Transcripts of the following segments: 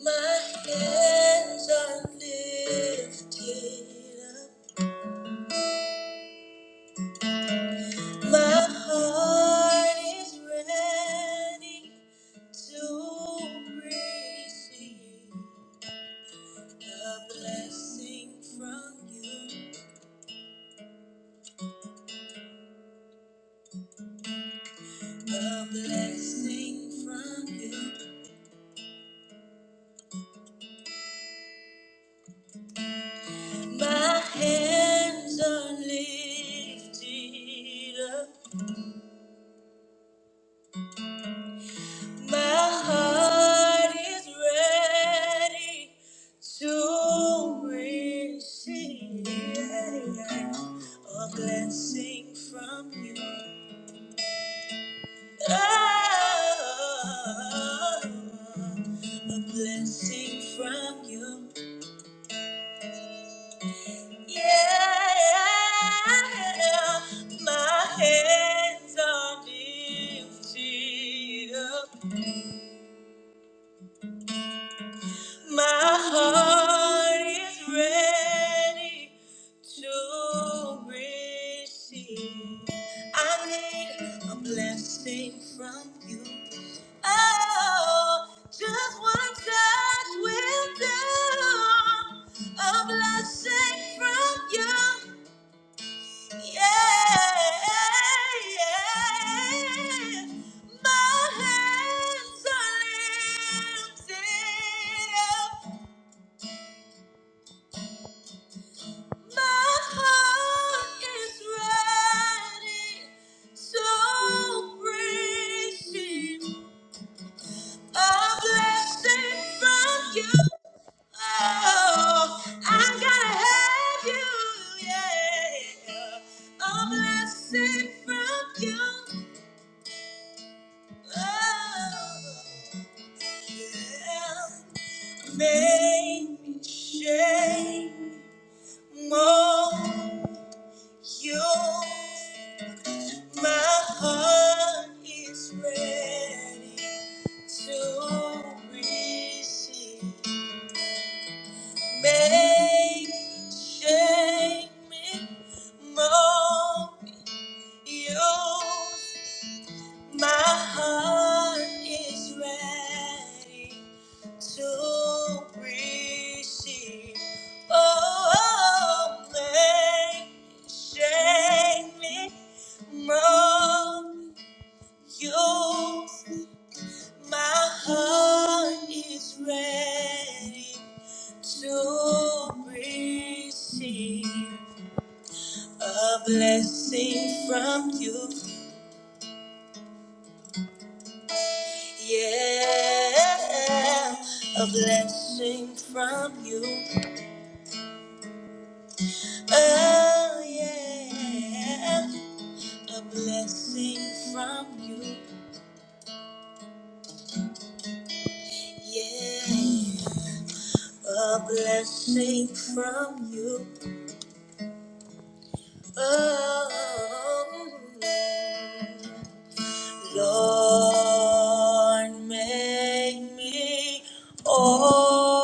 My hands are lifted up. My heart is ready to receive a blessing from you. A blessing from you. My hands are lifted up. My heart is ready to receive a blessing from you. Oh, a blessing from you. Yeah, my hands are lifted up. My heart is ready to receive. I need a blessing from you. Oh, just one touch will do. A blessing from you. Yeah, yeah. My hands are lifted up. My heart is ready, so received a blessing from you. Oh, I'm gonna have you, yeah. A blessing from you. Oh, yeah. Make me shake more you. My heart is ready to receive. Make me shake me mold me, Use my heart is ready to receive. Oh, make me shake me mold me, use. My heart is ready to receive a blessing from you. Yeah, a blessing from you. Oh, yeah, a blessing from you. Yeah, a blessing from you. Oh. yeah. Lord, make me over.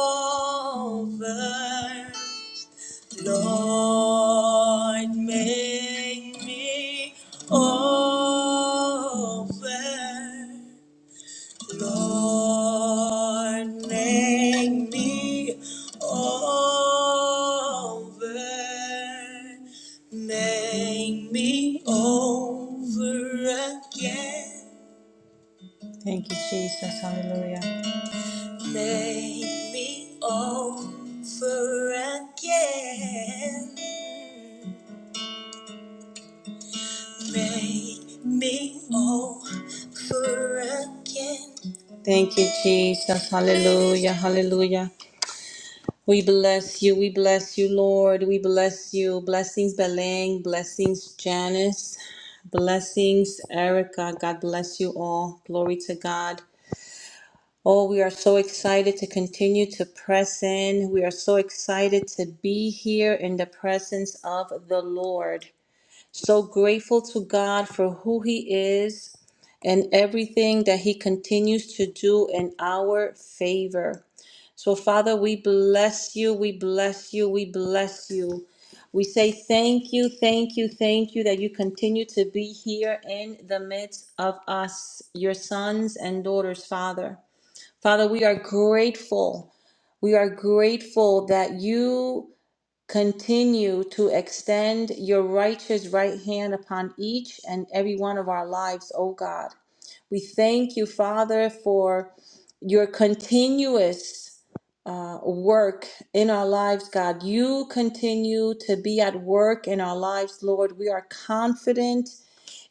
Lord, make me over. Lord, make me over. Make me over again. Thank you, Jesus. Hallelujah. Make me over again. Make me over again. Thank you, Jesus. Hallelujah. Hallelujah. We bless you. We bless you, Lord. We bless you. Blessings, Beleng. Blessings, Janice. Blessings, Erica. God bless you all. Glory to God. Oh, we are so excited to continue to press in. We are so excited to be here in the presence of the Lord. So grateful to God for who He is and everything that He continues to do in our favor. So, Father, we bless you, we bless you, we bless you. We say thank you, thank you, thank you that you continue to be here in the midst of us, your sons and daughters, Father. Father, we are grateful. We are grateful that you continue to extend your righteous right hand upon each and every one of our lives, oh God. We thank you, Father, for your continuous uh, work in our lives, God. You continue to be at work in our lives, Lord. We are confident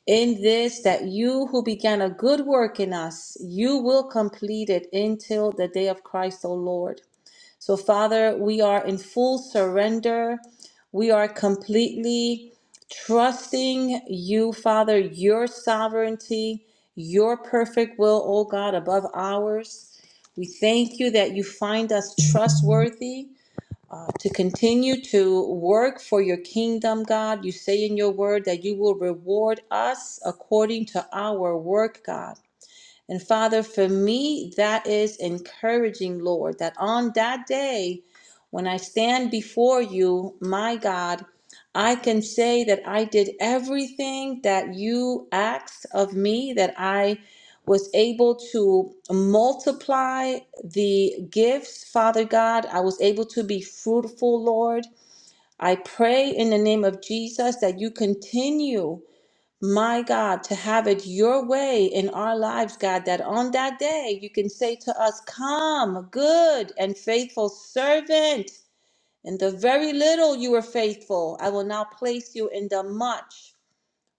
in this that you who began a good work in us, you will complete it until the day of Christ, O Lord. So, Father, we are in full surrender. We are completely trusting you, Father, your sovereignty, your perfect will, O God, above ours. We thank you that you find us trustworthy uh, to continue to work for your kingdom, God. You say in your word that you will reward us according to our work, God. And Father, for me, that is encouraging, Lord, that on that day, when I stand before you, my God, I can say that I did everything that you asked of me, that I was able to multiply the gifts, Father God. I was able to be fruitful, Lord. I pray in the name of Jesus that you continue my God, to have it your way in our lives, God, that on that day you can say to us, Come, good and faithful servant. In the very little you were faithful, I will now place you in the much.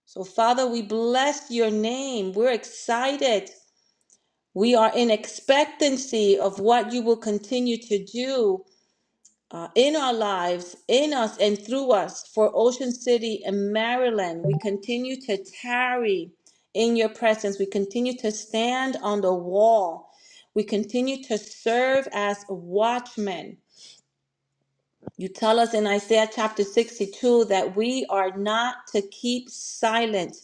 So, Father, we bless your name. We're excited. We are in expectancy of what you will continue to do uh, in our lives, in us, and through us for Ocean City and Maryland. We continue to tarry in your presence. We continue to stand on the wall. We continue to serve as watchmen you tell us in Isaiah chapter 62 that we are not to keep silent,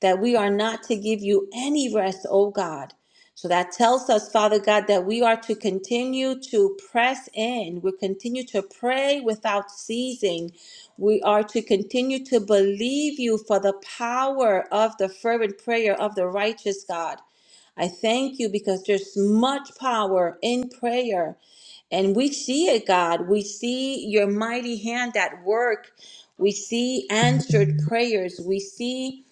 that we are not to give you any rest, O God. So that tells us, Father God, that we are to continue to press in. We continue to pray without ceasing. We are to continue to believe you for the power of the fervent prayer of the righteous God. I thank you because there's much power in prayer. And we see it, God. We see your mighty hand at work. We see answered prayers. We see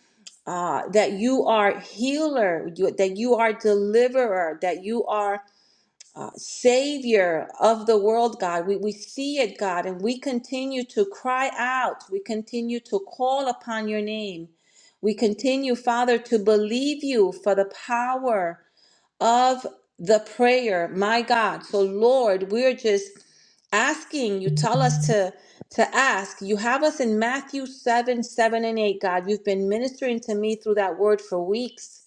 uh, that you are healer, you, that you are deliverer, that you are uh, savior of the world, God. We, we see it, God, and we continue to cry out. We continue to call upon your name. We continue, Father, to believe you for the power of the prayer, my God. So, Lord, we're just asking. You tell us to to ask. You have us in Matthew 7, 7 and 8, God. You've been ministering to me through that word for weeks.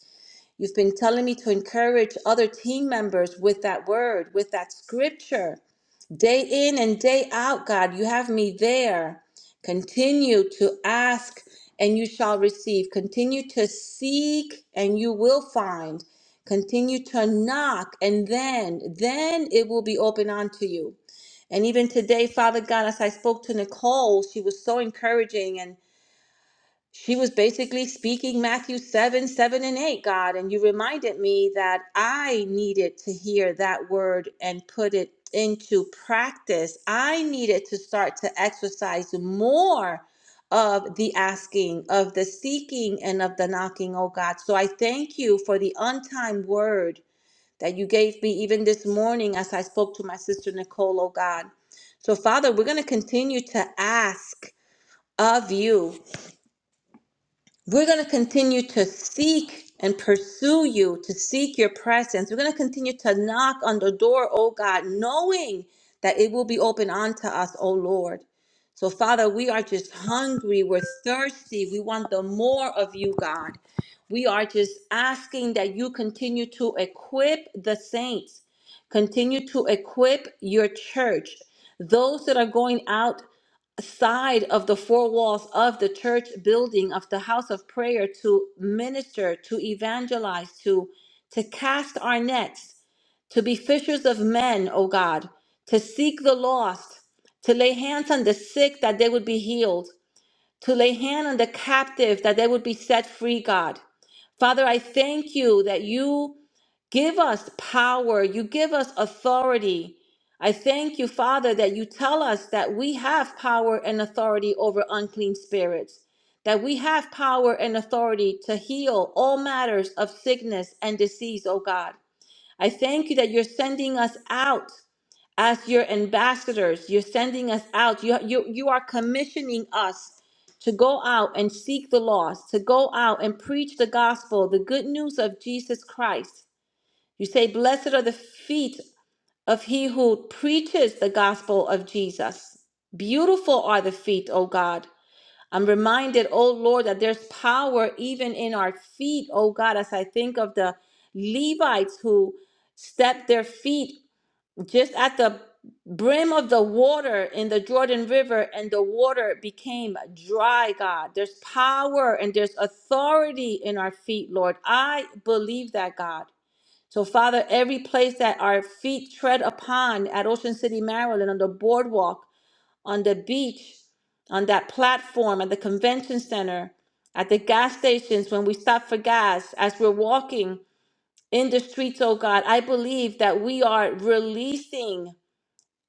You've been telling me to encourage other team members with that word, with that scripture. Day in and day out, God, you have me there. Continue to ask and you shall receive. Continue to seek and you will find. Continue to knock and then, then it will be open unto you. And even today, Father God, as I spoke to Nicole, she was so encouraging and she was basically speaking Matthew 7, 7 and 8, God. And you reminded me that I needed to hear that word and put it into practice. I needed to start to exercise more of the asking, of the seeking, and of the knocking, oh God. So I thank you for the untimed word that you gave me even this morning as I spoke to my sister Nicole, oh God. So, Father, we're going to continue to ask of you. We're going to continue to seek and pursue you, to seek your presence. We're going to continue to knock on the door, oh God, knowing that it will be open unto us, oh Lord. So, Father, we are just hungry. We're thirsty. We want the more of you, God. We are just asking that you continue to equip the saints, continue to equip your church, those that are going out side of the four walls of the church building of the house of prayer to minister to evangelize to to cast our nets to be fishers of men o god to seek the lost to lay hands on the sick that they would be healed to lay hand on the captive that they would be set free god father i thank you that you Give us power. You give us authority. I thank you, Father, that you tell us that we have power and authority over unclean spirits, that we have power and authority to heal all matters of sickness and disease, oh God. I thank you that you're sending us out as your ambassadors. You're sending us out. You, you, you are commissioning us to go out and seek the lost, to go out and preach the gospel, the good news of Jesus Christ you say, Blessed are the feet of he who preaches the gospel of Jesus. Beautiful are the feet, O God. I'm reminded, O Lord, that there's power even in our feet, O God, as I think of the Levites who stepped their feet just at the brim of the water in the Jordan River and the water became dry, God. There's power and there's authority in our feet, Lord. I believe that, God. So, Father, every place that our feet tread upon at Ocean City, Maryland, on the boardwalk, on the beach, on that platform, at the convention center, at the gas stations, when we stop for gas, as we're walking in the streets, oh God, I believe that we are releasing.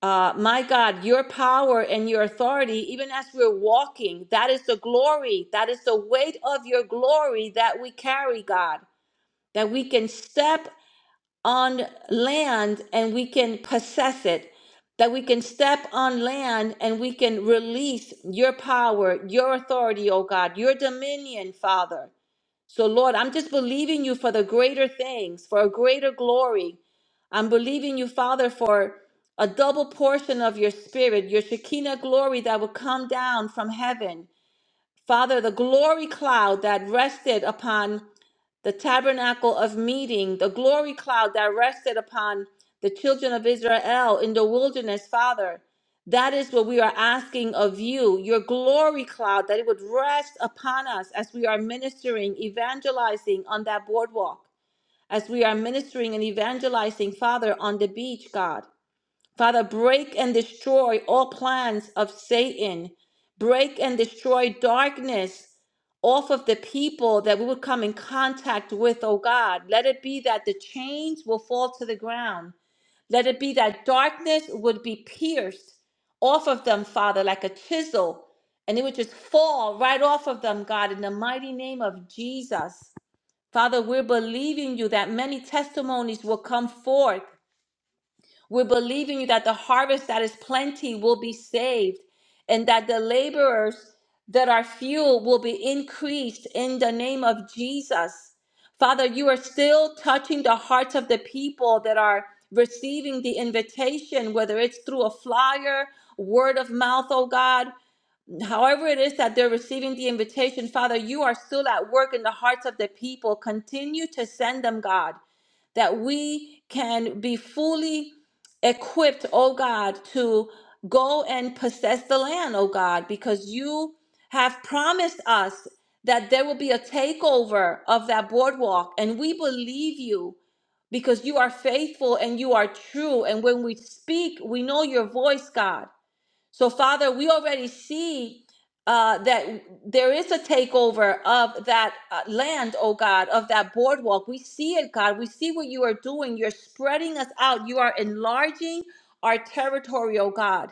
Uh, my God, your power and your authority, even as we're walking, that is the glory, that is the weight of your glory that we carry, God that we can step on land and we can possess it, that we can step on land and we can release your power, your authority, oh God, your dominion, Father. So, Lord, I'm just believing you for the greater things, for a greater glory. I'm believing you, Father, for a double portion of your spirit, your Shekinah glory that will come down from heaven. Father, the glory cloud that rested upon the tabernacle of meeting, the glory cloud that rested upon the children of Israel in the wilderness, Father. That is what we are asking of you, your glory cloud, that it would rest upon us as we are ministering, evangelizing on that boardwalk, as we are ministering and evangelizing, Father, on the beach, God. Father, break and destroy all plans of Satan. Break and destroy darkness off of the people that we would come in contact with, oh God. Let it be that the chains will fall to the ground. Let it be that darkness would be pierced off of them, Father, like a chisel, and it would just fall right off of them, God, in the mighty name of Jesus. Father, we're believing you that many testimonies will come forth we are believing you that the harvest that is plenty will be saved and that the laborers that are few will be increased in the name of Jesus. Father, you are still touching the hearts of the people that are receiving the invitation, whether it's through a flyer, word of mouth, oh God. However, it is that they're receiving the invitation, Father, you are still at work in the hearts of the people. Continue to send them, God that we can be fully equipped, oh God, to go and possess the land, oh God, because you have promised us that there will be a takeover of that boardwalk. And we believe you because you are faithful and you are true. And when we speak, we know your voice, God. So, Father, we already see uh, that there is a takeover of that uh, land, oh God, of that boardwalk. We see it, God. We see what you are doing. You're spreading us out. You are enlarging our territory, oh God.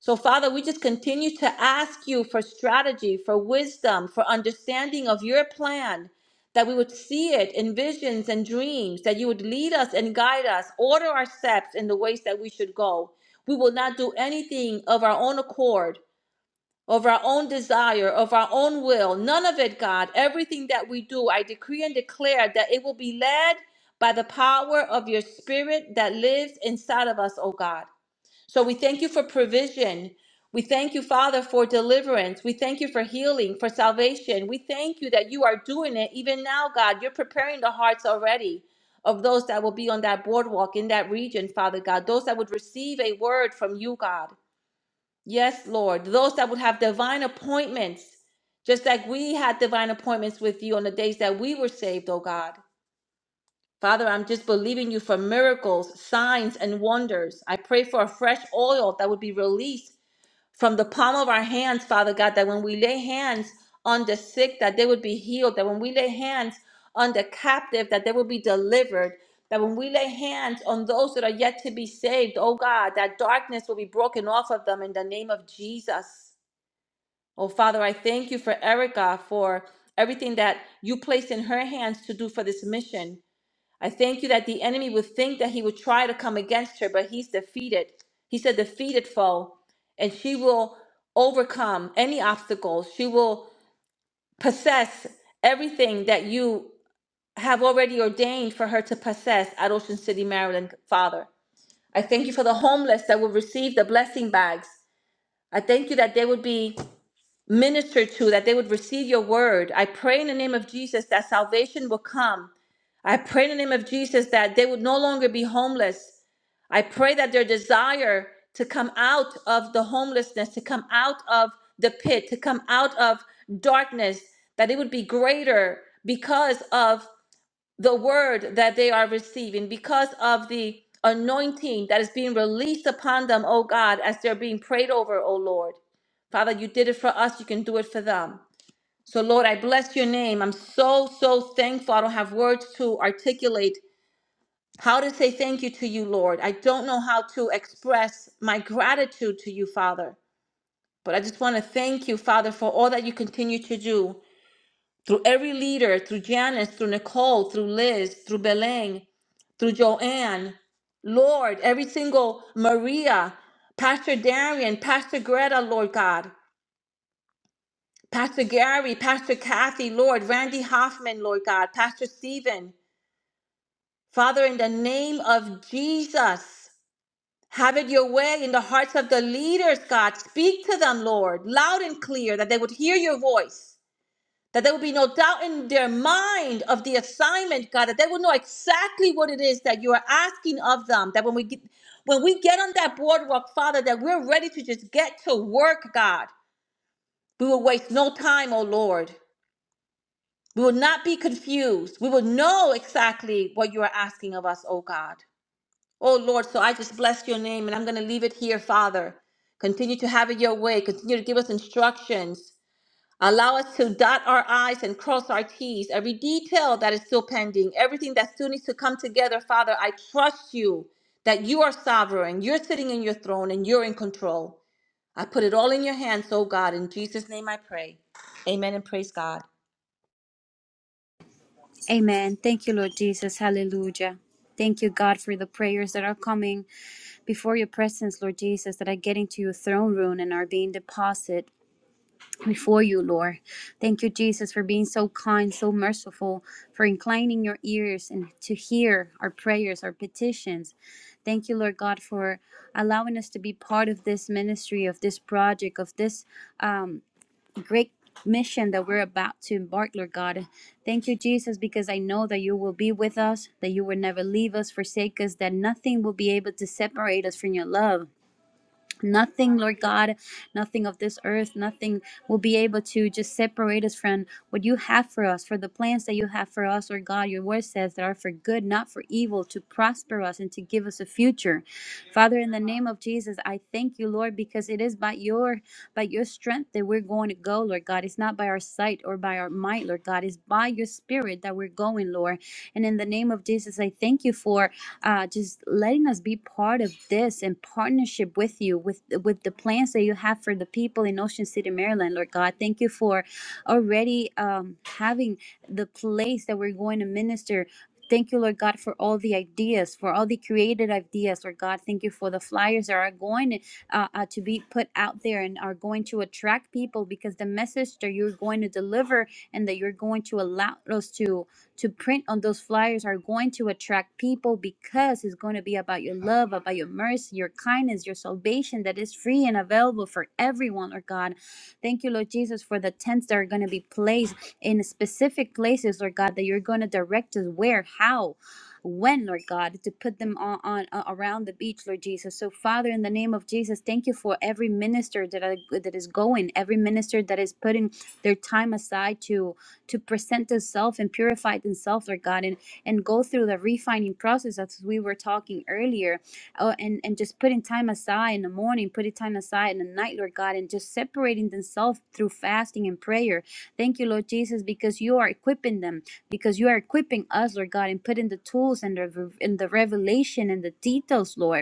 So, Father, we just continue to ask you for strategy, for wisdom, for understanding of your plan, that we would see it in visions and dreams, that you would lead us and guide us, order our steps in the ways that we should go. We will not do anything of our own accord, of our own desire, of our own will. None of it, God. Everything that we do, I decree and declare that it will be led by the power of your spirit that lives inside of us, oh God. So we thank you for provision. We thank you, Father, for deliverance. We thank you for healing, for salvation. We thank you that you are doing it even now, God. You're preparing the hearts already of those that will be on that boardwalk in that region, Father God, those that would receive a word from you, God. Yes, Lord, those that would have divine appointments, just like we had divine appointments with you on the days that we were saved, oh God. Father, I'm just believing you for miracles, signs, and wonders. I pray for a fresh oil that would be released from the palm of our hands, Father God, that when we lay hands on the sick, that they would be healed, that when we lay hands on the captive, that they would be delivered, that when we lay hands on those that are yet to be saved, oh God, that darkness will be broken off of them in the name of Jesus. Oh Father, I thank you for Erica, for everything that you placed in her hands to do for this mission. I thank you that the enemy would think that he would try to come against her, but he's defeated. He's a defeated foe, and she will overcome any obstacles. She will possess everything that you have already ordained for her to possess at Ocean City, Maryland, Father. I thank you for the homeless that will receive the blessing bags. I thank you that they would be minister to, that they would receive your word. I pray in the name of Jesus that salvation will come. I pray in the name of Jesus that they would no longer be homeless. I pray that their desire to come out of the homelessness, to come out of the pit, to come out of darkness, that it would be greater because of the word that they are receiving, because of the anointing that is being released upon them, oh God, as they're being prayed over, oh Lord. Father, you did it for us, you can do it for them. So, Lord, I bless your name. I'm so, so thankful. I don't have words to articulate how to say thank you to you, Lord. I don't know how to express my gratitude to you, Father. But I just want to thank you, Father, for all that you continue to do through every leader, through Janice, through Nicole, through Liz, through Belen, through Joanne, Lord, every single Maria, Pastor Darian, Pastor Greta, Lord God, Pastor Gary, Pastor Kathy, Lord, Randy Hoffman, Lord God, Pastor Stephen. Father, in the name of Jesus, have it your way in the hearts of the leaders, God. Speak to them, Lord, loud and clear, that they would hear your voice that there would be no doubt in their mind of the assignment, God, that they will know exactly what it is that you are asking of them. That when we get when we get on that boardwalk, Father, that we're ready to just get to work, God. We will waste no time, oh Lord. We will not be confused. We will know exactly what you are asking of us, oh God. Oh Lord, so I just bless your name and I'm going to leave it here, Father. Continue to have it your way. Continue to give us instructions Allow us to dot our I's and cross our T's. Every detail that is still pending, everything that still needs to come together, Father, I trust you that you are sovereign. You're sitting in your throne and you're in control. I put it all in your hands, oh God. In Jesus' name I pray. Amen and praise God. Amen. Thank you, Lord Jesus. Hallelujah. Thank you, God, for the prayers that are coming before your presence, Lord Jesus, that are getting to your throne room and are being deposited before you, Lord. Thank you, Jesus, for being so kind, so merciful, for inclining your ears and to hear our prayers, our petitions. Thank you, Lord God, for allowing us to be part of this ministry, of this project, of this. Um, great mission that we're about to embark, Lord God. Thank you, Jesus, because I know that you will be with us, that you will never leave us, forsake us, that nothing will be able to separate us from your love. Nothing, Lord God, nothing of this earth, nothing will be able to just separate us from what you have for us, for the plans that you have for us, Lord God. Your word says that are for good, not for evil, to prosper us and to give us a future. Father, in the name of Jesus, I thank you, Lord, because it is by your by your strength that we're going to go, Lord God. It's not by our sight or by our might, Lord God. It's by your spirit that we're going, Lord. And in the name of Jesus, I thank you for uh, just letting us be part of this in partnership with you, with with the plans that you have for the people in Ocean City, Maryland, Lord God. Thank you for already um, having the place that we're going to minister. Thank you, Lord God, for all the ideas, for all the created ideas, Lord God. Thank you for the flyers that are going uh, uh, to be put out there and are going to attract people because the message that you're going to deliver and that you're going to allow us to to print on those flyers are going to attract people because it's going to be about your love, about your mercy, your kindness, your salvation that is free and available for everyone, Lord God. Thank you, Lord Jesus, for the tents that are going to be placed in specific places, Lord God, that you're going to direct us where, how, when, Lord God, to put them on, on uh, around the beach, Lord Jesus. So, Father, in the name of Jesus, thank you for every minister that I, that is going, every minister that is putting their time aside to to present itself and purified and Lord God, and, and go through the refining process as we were talking earlier, oh, and, and just putting time aside in the morning, putting time aside in the night, Lord God, and just separating themselves through fasting and prayer. Thank you, Lord Jesus, because you are equipping them, because you are equipping us, Lord God, and putting the tools and the, and the revelation and the details, Lord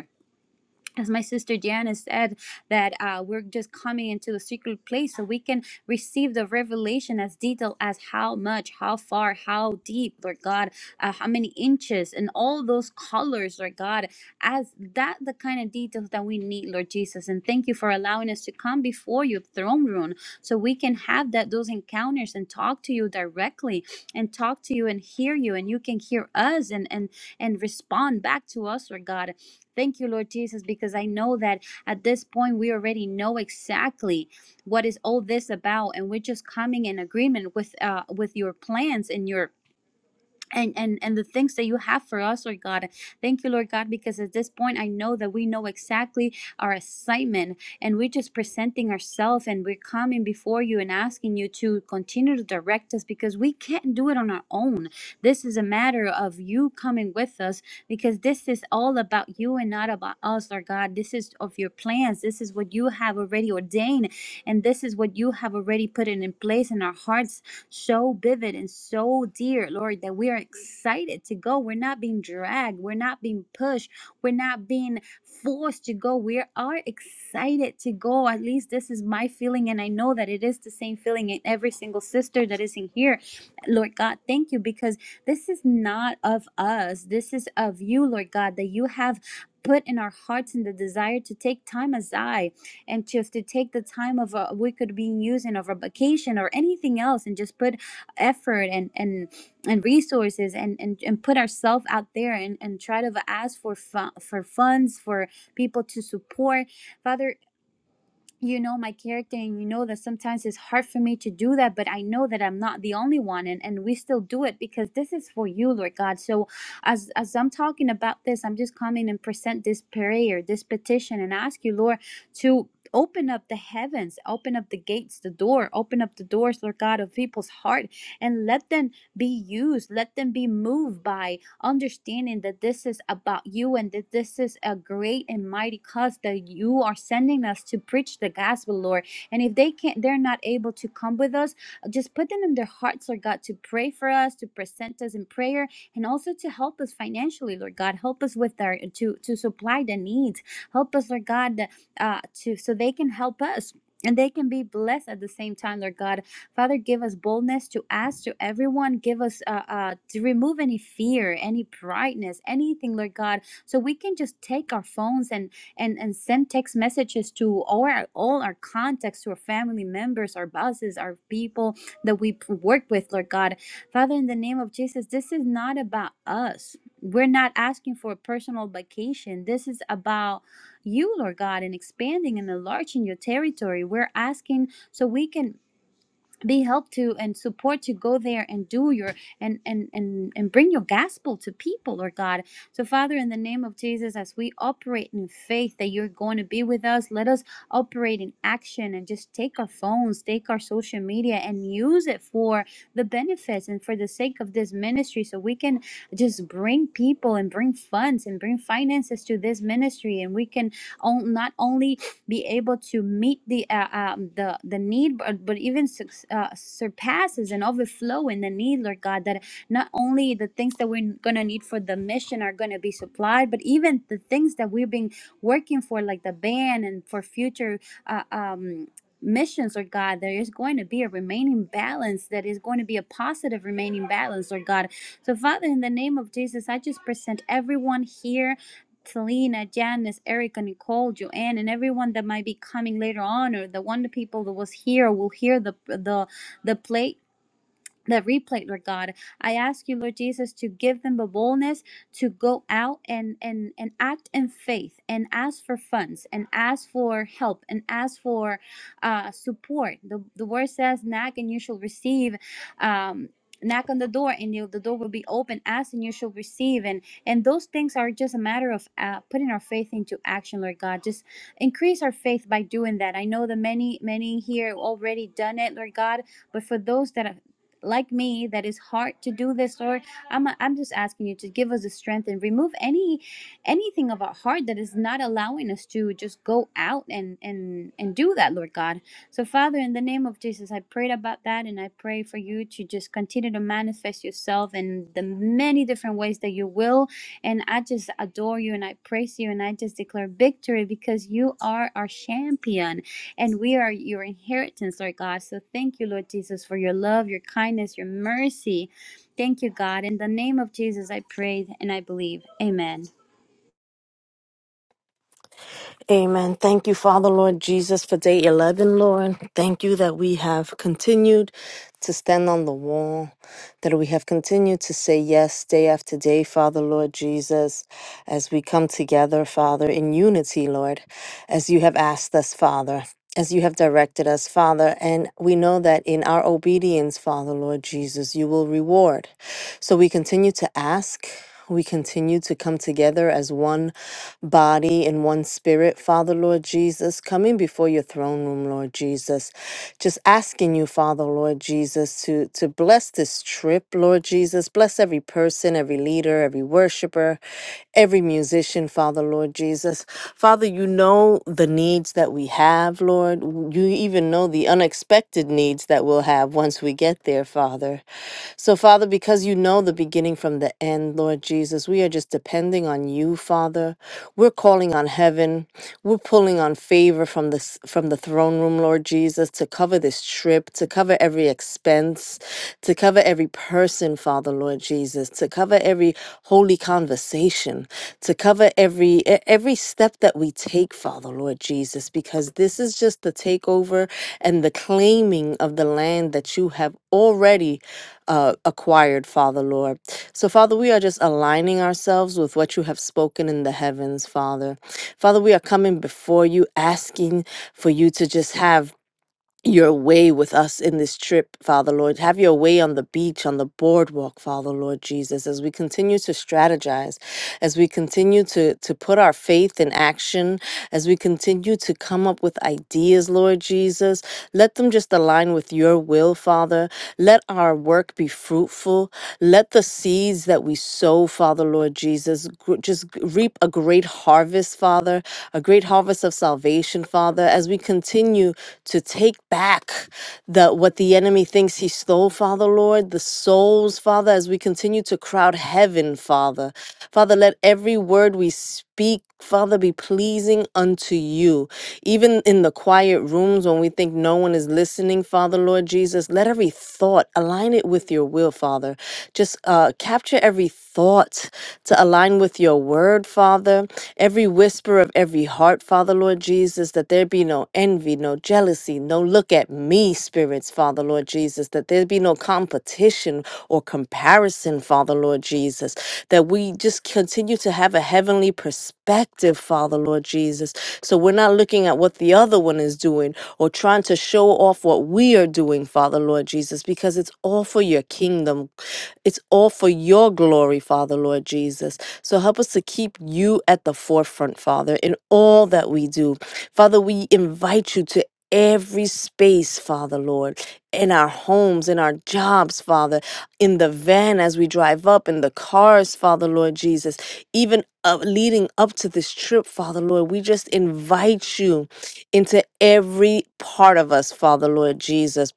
as my sister Diana said, that uh, we're just coming into the secret place so we can receive the revelation as detailed as how much, how far, how deep, Lord God, uh, how many inches, and all those colors, Lord God, as that the kind of details that we need, Lord Jesus. And thank you for allowing us to come before your throne room so we can have that those encounters and talk to you directly and talk to you and hear you and you can hear us and and and respond back to us, Lord God. Thank you, Lord Jesus, because I know that at this point we already know exactly what is all this about, and we're just coming in agreement with uh, with your plans and your and and and the things that you have for us lord god thank you lord god because at this point i know that we know exactly our assignment and we're just presenting ourselves and we're coming before you and asking you to continue to direct us because we can't do it on our own this is a matter of you coming with us because this is all about you and not about us lord god this is of your plans this is what you have already ordained and this is what you have already put it in place in our hearts so vivid and so dear, Lord, that we are excited to go. We're not being dragged, we're not being pushed, we're not being forced to go. We are excited to go. At least this is my feeling, and I know that it is the same feeling in every single sister that is in here. Lord God, thank you because this is not of us. This is of you, Lord God, that you have put in our hearts and the desire to take time aside and just to take the time of a we could be using of a vacation or anything else and just put effort and and and resources and and, and put ourselves out there and and try to ask for fun, for funds for people to support father you know my character and you know that sometimes it's hard for me to do that but i know that i'm not the only one and, and we still do it because this is for you lord god so as as i'm talking about this i'm just coming and present this prayer this petition and ask you lord to open up the heavens open up the gates the door open up the doors lord god of people's heart and let them be used let them be moved by understanding that this is about you and that this is a great and mighty cause that you are sending us to preach the gospel, Lord. And if they can't, they're not able to come with us, uh, just put them in their hearts, Lord God, to pray for us, to present us in prayer, and also to help us financially, Lord God. Help us with our to to supply the needs. Help us, Lord God, uh, to so they can help us. And they can be blessed at the same time, Lord God Father, give us boldness to ask to everyone. Give us uh, uh, to remove any fear, any brightness, anything, Lord God, so we can just take our phones and and and send text messages to all our all our contacts, to our family members, our bosses, our people that we p- work with, Lord God. Father, in the name of Jesus, this is not about us. We're not asking for a personal vacation. This is about you, Lord God, and expanding and enlarging your territory. We're asking so we can be helped to and support to go there and do your and and and and bring your gospel to people lord god so father in the name of jesus as we operate in faith that you're going to be with us let us operate in action and just take our phones take our social media and use it for the benefits and for the sake of this ministry so we can just bring people and bring funds and bring finances to this ministry and we can on, not only be able to meet the uh, um, the the need, but, but even suc- uh, surpasses and overflow in the need, Lord God. That not only the things that we're gonna need for the mission are gonna be supplied, but even the things that we've been working for, like the band and for future uh, um, missions Lord god there is going to be a remaining balance that is going to be a positive remaining balance Lord god so father in the name of jesus i just present everyone here Selena, Janice, Erica, Nicole, Joanne, and everyone that might be coming later on, or the one the people that was here will hear the the the play that replay, Lord God. I ask you, Lord Jesus, to give them the boldness to go out and and and act in faith and ask for funds and ask for help and ask for uh, support. The the word says, "Knock and you shall receive." Um, knock on the door and you, the door will be open ask and you shall receive and and those things are just a matter of uh, putting our faith into action lord god just increase our faith by doing that i know the many many here already done it lord god but for those that like me that is hard to do this lord i'm i'm just asking you to give us the strength and remove any anything of our heart that is not allowing us to just go out and and and do that lord god so father in the name of jesus i prayed about that and i pray for you to just continue to manifest yourself in the many different ways that you will and i just adore you and i praise you and i just declare victory because you are our champion and we are your inheritance, Lord God. So thank you, Lord Jesus, for your love, your kindness, your mercy. Thank you, God. In the name of Jesus, I pray and I believe. Amen. Amen. Thank you, Father, Lord Jesus, for day 11, Lord. Thank you that we have continued to stand on the wall, that we have continued to say yes day after day, Father, Lord Jesus, as we come together, Father, in unity, Lord, as you have asked us, Father. As you have directed us, Father, and we know that in our obedience, Father, Lord Jesus, you will reward. So we continue to ask. We continue to come together as one body and one spirit, Father, Lord Jesus, coming before your throne room, Lord Jesus. Just asking you, Father, Lord Jesus, to, to bless this trip, Lord Jesus. Bless every person, every leader, every worshiper, every musician, Father, Lord Jesus. Father, you know the needs that we have, Lord. You even know the unexpected needs that we'll have once we get there, Father. So, Father, because you know the beginning from the end, Lord Jesus, we are just depending on you, Father. We're calling on heaven. We're pulling on favor from the s- from the throne room, Lord Jesus, to cover this trip, to cover every expense, to cover every person, Father, Lord Jesus, to cover every holy conversation, to cover every e- every step that we take, Father, Lord Jesus, because this is just the takeover and the claiming of the land that you have already uh, acquired, Father Lord. So, Father, we are just aligning ourselves with what you have spoken in the heavens, Father. Father, we are coming before you asking for you to just have your way with us in this trip, Father Lord. Have your way on the beach, on the boardwalk, Father Lord Jesus, as we continue to strategize, as we continue to, to put our faith in action, as we continue to come up with ideas, Lord Jesus. Let them just align with your will, Father. Let our work be fruitful. Let the seeds that we sow, Father Lord Jesus, gr- just g- reap a great harvest, Father, a great harvest of salvation, Father, as we continue to take back the what the enemy thinks he stole, Father, Lord, the souls, Father, as we continue to crowd heaven, Father. Father, let every word we speak, Father, be pleasing unto you. Even in the quiet rooms when we think no one is listening, Father, Lord Jesus, let every thought align it with your will, Father. Father. Just uh, capture every thought to align with your word, Father. Every whisper of every heart, Father, Lord Jesus, that there be no envy, no jealousy, no look at me spirits, Father, Lord Jesus, that there be no competition or comparison, Father, Lord Jesus, that we just continue to have a heavenly perspective, Father, Lord Jesus. So we're not looking at what the other one is doing or trying to show off what we are doing, Father, Lord Jesus, because it's all for your kingdom it's all for your glory, Father, Lord Jesus. So help us to keep you at the forefront, Father, in all that we do. Father, we invite you to every space, Father, Lord, in our homes, in our jobs, Father, in the van as we drive up, in the cars, Father, Lord Jesus, even up, leading up to this trip, Father, Lord, we just invite you into every part of us, Father, Lord Jesus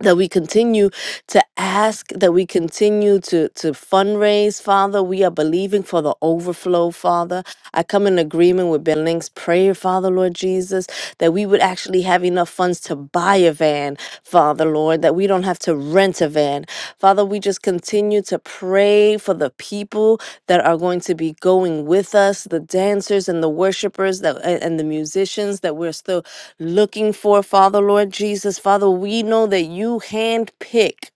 that we continue to ask that we continue to to fundraise father we are believing for the overflow father i come in agreement with Berling's prayer father lord jesus that we would actually have enough funds to buy a van father lord that we don't have to rent a van Father, we just continue to pray for the people that are going to be going with us, the dancers and the worshipers that a- and the musicians that we're still looking for, Father Lord Jesus. Father, we know that you handpick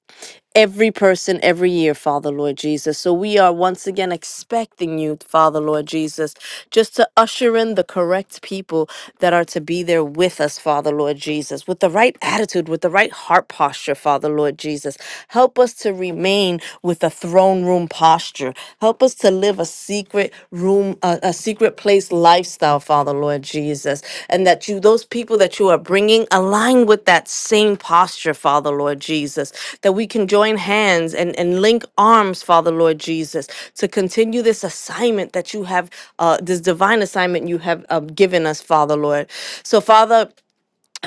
every person every year, Father Lord Jesus. So we are once again expecting you, Father Lord Jesus, just to usher in the correct people that are to be there with us, Father Lord Jesus, with the right attitude, with the right heart posture, Father Lord Jesus. Help us to remain with a throne room posture. Help us to live a secret room, a, a secret place lifestyle, Father Lord Jesus. And that you, those people that you are bringing, align with that same posture, Father Lord Jesus. That we can join hands and, and link arms, Father Lord Jesus, to continue this assignment that you have, uh, this divine assignment you have uh, given us, Father Lord. So, Father,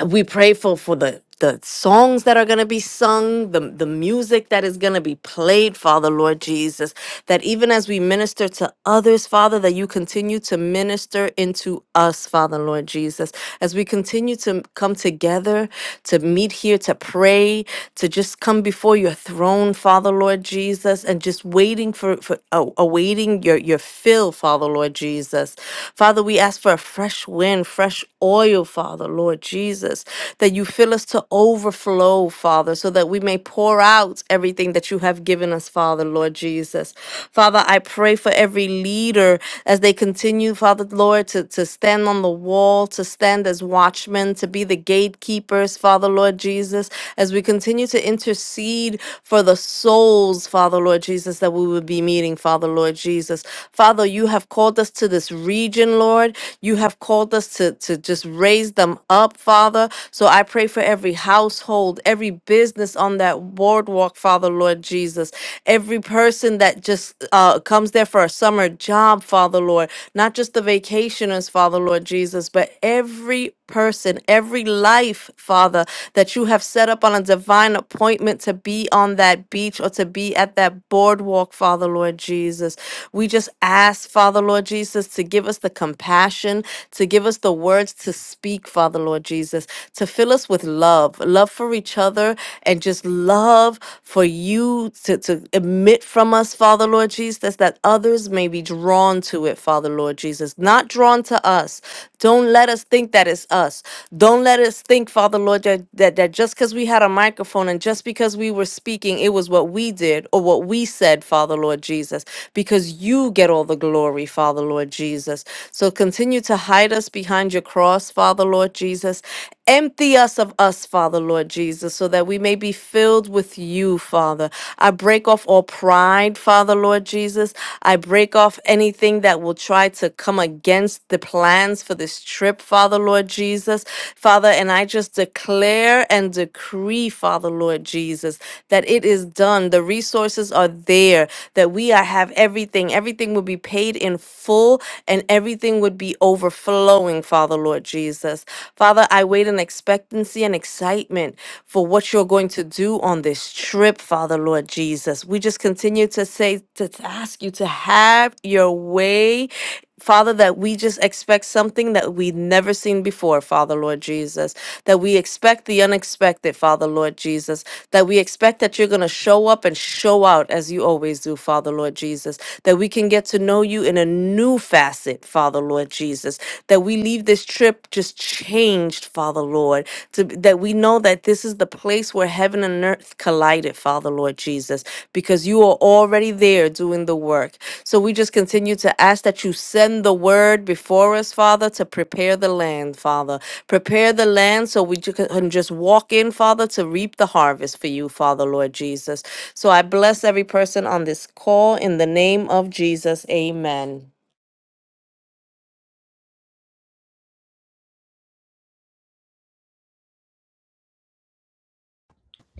we pray for for the the songs that are going to be sung the the music that is going to be played father lord jesus that even as we minister to others father that you continue to minister into us father lord jesus as we continue to come together to meet here to pray to just come before your throne father lord jesus and just waiting for for a- awaiting your your fill father lord jesus father we ask for a fresh wind in fresh oil, Father, Lord Jesus, that you fill us to overflow, Father, so that we may pour out everything that you have given us, Father, Lord Jesus. Father, I pray for every leader as they continue, Father, Lord, to, to stand on the wall, to stand as watchmen, to be the gatekeepers, Father, Lord Jesus, as we continue to intercede for the souls, Father, Lord Jesus, that we would be meeting, Father, Lord Jesus. Father, you have called us to this this region, Lord. You have called us to, to just raise them up, Father. So I pray for every household, every business on that boardwalk, Father, Lord Jesus. Every person that just uh, comes there for a summer job, Father, Lord. Not just the vacationers, Father, Lord Jesus, but every person, every life, Father, that you have set up on a divine appointment to be on that beach or to be at that boardwalk, Father, Lord Jesus. We just ask, Father Lord Jesus, to give us the compassion, to give us the words to speak, Father Lord Jesus, to fill us with love, love for each other, and just love for you to, to emit from us, Father Lord Jesus, that others may be drawn to it, Father Lord Jesus, not drawn to us. Don't let us think that it's us. Don't let us think, Father Lord, that, that, that just because we had a microphone and just because we were speaking, it was what we did or what what we said, Father Lord Jesus, because you get all the glory, Father Lord Jesus. So continue to hide us behind your cross, Father Lord Jesus. Empty us of us, Father Lord Jesus, so that we may be filled with you, Father. I break off all pride, Father Lord Jesus. I break off anything that will try to come against the plans for this trip, Father Lord Jesus. Father, and I just declare and decree, Father Lord Jesus. Jesus, that it is done. The resources are there, that we are, have everything. Everything will be paid in full and everything would be overflowing, Father, Lord Jesus. Father, I wait in expectancy and excitement for what you're going to do on this trip, Father, Lord Jesus. We just continue to say, to to ask you to have your way Father, that we just expect something that we've never seen before, Father Lord Jesus. That we expect the unexpected, Father Lord Jesus. That we expect that you're going to show up and show out as you always do, Father Lord Jesus. That we can get to know you in a new facet, Father Lord Jesus that we leave this trip just changed, Father Lord, to, that we know that this is the place where heaven and earth collided, Father Lord Jesus, because you are already there doing the work. So we just continue to ask that you send the word before us, Father, to prepare the land, Father. Prepare the land so we ju- can just walk in, Father, to reap the harvest for you, Father, Lord Jesus. So I bless every person on this call in the name of Jesus. Amen.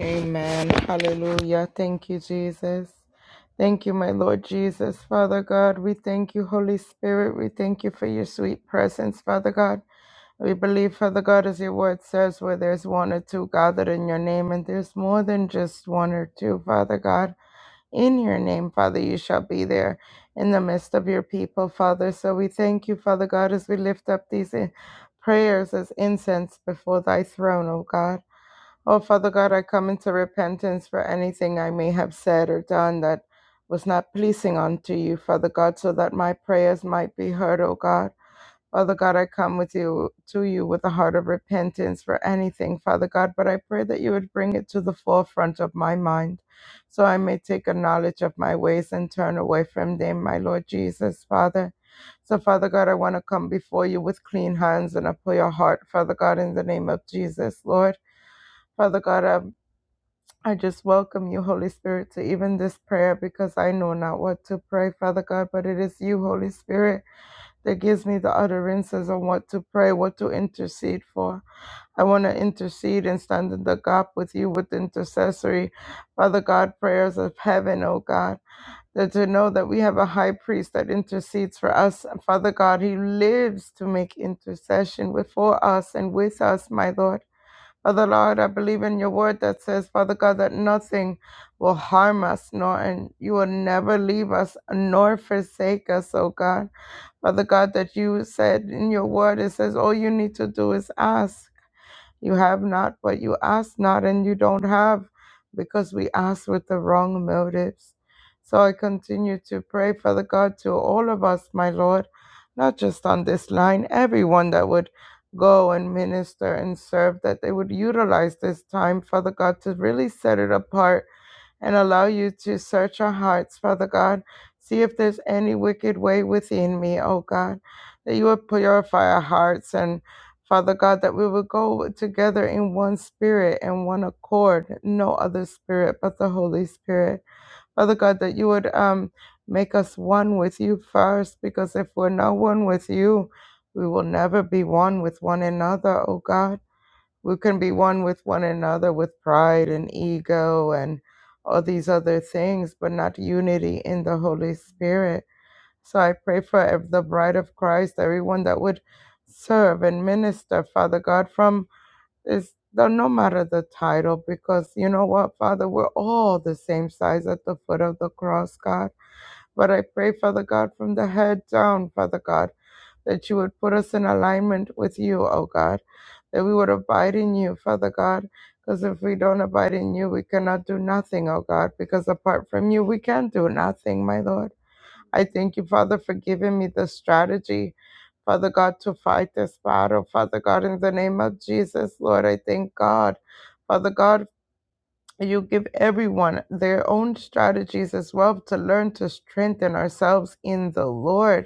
Amen. Hallelujah. Thank you, Jesus. Thank you, my Lord Jesus. Father God, we thank you, Holy Spirit. We thank you for your sweet presence, Father God. We believe, Father God, as your word says, where there's one or two gathered in your name, and there's more than just one or two, Father God. In your name, Father, you shall be there in the midst of your people, Father. So we thank you, Father God, as we lift up these eh, prayers as incense before thy throne, O God. Oh, Father God, I come into repentance for anything I may have said or done that was not pleasing unto you, Father God, so that my prayers might be heard, O God. Father God, I come with you to you with a heart of repentance for anything, Father God, but I pray that you would bring it to the forefront of my mind, so I may take a knowledge of my ways and turn away from them, my Lord Jesus, Father. So, Father God, I want to come before you with clean hands and a pure heart, Father God, in the name of Jesus, Lord. Father God, I. I just welcome you, Holy Spirit, to even this prayer because I know not what to pray, Father God, but it is you, Holy Spirit, that gives me the utterances on what to pray, what to intercede for. I want to intercede and stand in the gap with you with intercessory, Father God, prayers of heaven, oh God. That to know that we have a high priest that intercedes for us. And Father God, he lives to make intercession before us and with us, my Lord. Father Lord, I believe in your word that says, Father God, that nothing will harm us, nor and you will never leave us nor forsake us, oh God. Father God, that you said in your word, it says all you need to do is ask. You have not, but you ask not, and you don't have because we ask with the wrong motives. So I continue to pray, Father God, to all of us, my Lord, not just on this line, everyone that would go and minister and serve, that they would utilize this time, Father God, to really set it apart and allow you to search our hearts, Father God. See if there's any wicked way within me, oh God, that you would purify our hearts and Father God, that we would go together in one spirit and one accord, no other spirit but the Holy Spirit. Father God, that you would um, make us one with you first, because if we're not one with you, we will never be one with one another, oh God we can be one with one another with pride and ego and all these other things, but not unity in the Holy Spirit. So I pray for ev- the bride of Christ, everyone that would serve and minister, Father God, from this, the- no matter the title, because you know what, Father, we're all the same size at the foot of the cross, God. But I pray, Father God, from the head down, Father God that you would put us in alignment with you, oh God, that we would abide in you, Father God, because if we don't abide in you, we cannot do nothing, oh God, because apart from you, we can do nothing, my Lord. I thank you, Father, for giving me the strategy, Father God, to fight this battle, Father God, in the name of Jesus, Lord. I thank God, Father God. You give everyone their own strategies as well to learn to strengthen ourselves in the Lord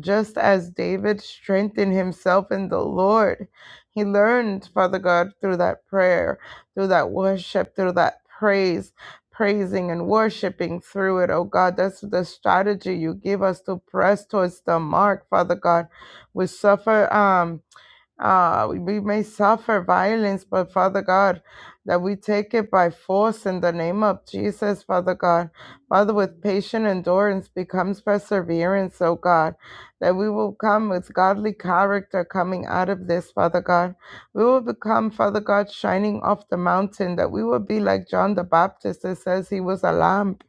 just as David strengthened himself in the Lord. He learned, Father God, through that prayer, through that worship, through that praise, praising and worshiping through it. Oh God, that's the strategy you give us to press towards the mark, Father God. We suffer um uh, we may suffer violence, but Father God, that we take it by force in the name of Jesus, Father God. Father, with patient endurance becomes perseverance, oh God, that we will come with godly character coming out of this, Father God. We will become, Father God, shining off the mountain, that we will be like John the Baptist that says he was a lamp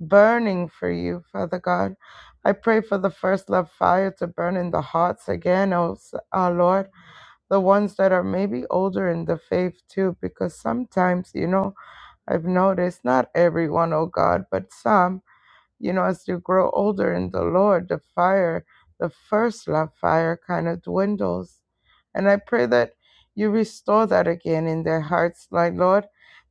burning for you, Father God. I pray for the first love fire to burn in the hearts again, oh s- our Lord the ones that are maybe older in the faith too, because sometimes, you know, I've noticed not everyone, oh God, but some, you know, as you grow older in the Lord, the fire, the first love fire kind of dwindles. And I pray that you restore that again in their hearts, like Lord,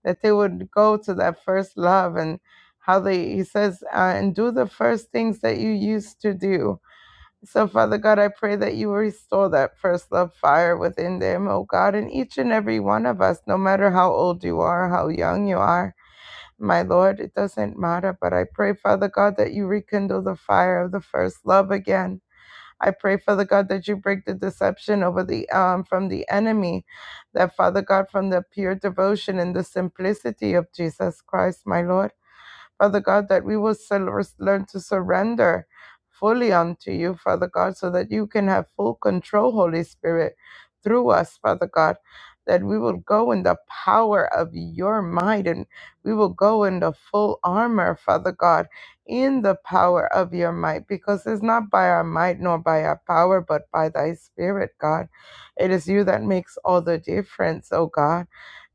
that they would go to that first love and how they, he says, uh, and do the first things that you used to do so, Father God, I pray that you restore that first love fire within them, oh God, and each and every one of us, no matter how old you are, how young you are. My Lord, it doesn't matter, but I pray, Father God, that you rekindle the fire of the first love again. I pray, Father God, that you break the deception over the um, from the enemy, that Father God, from the pure devotion and the simplicity of Jesus Christ, my Lord. Father God, that we will sur- learn to surrender fully unto you, Father God, so that you can have full control, Holy Spirit, through us, Father God. That we will go in the power of your might and we will go in the full armor, Father God, in the power of your might, because it's not by our might nor by our power, but by thy spirit, God. It is you that makes all the difference, oh God.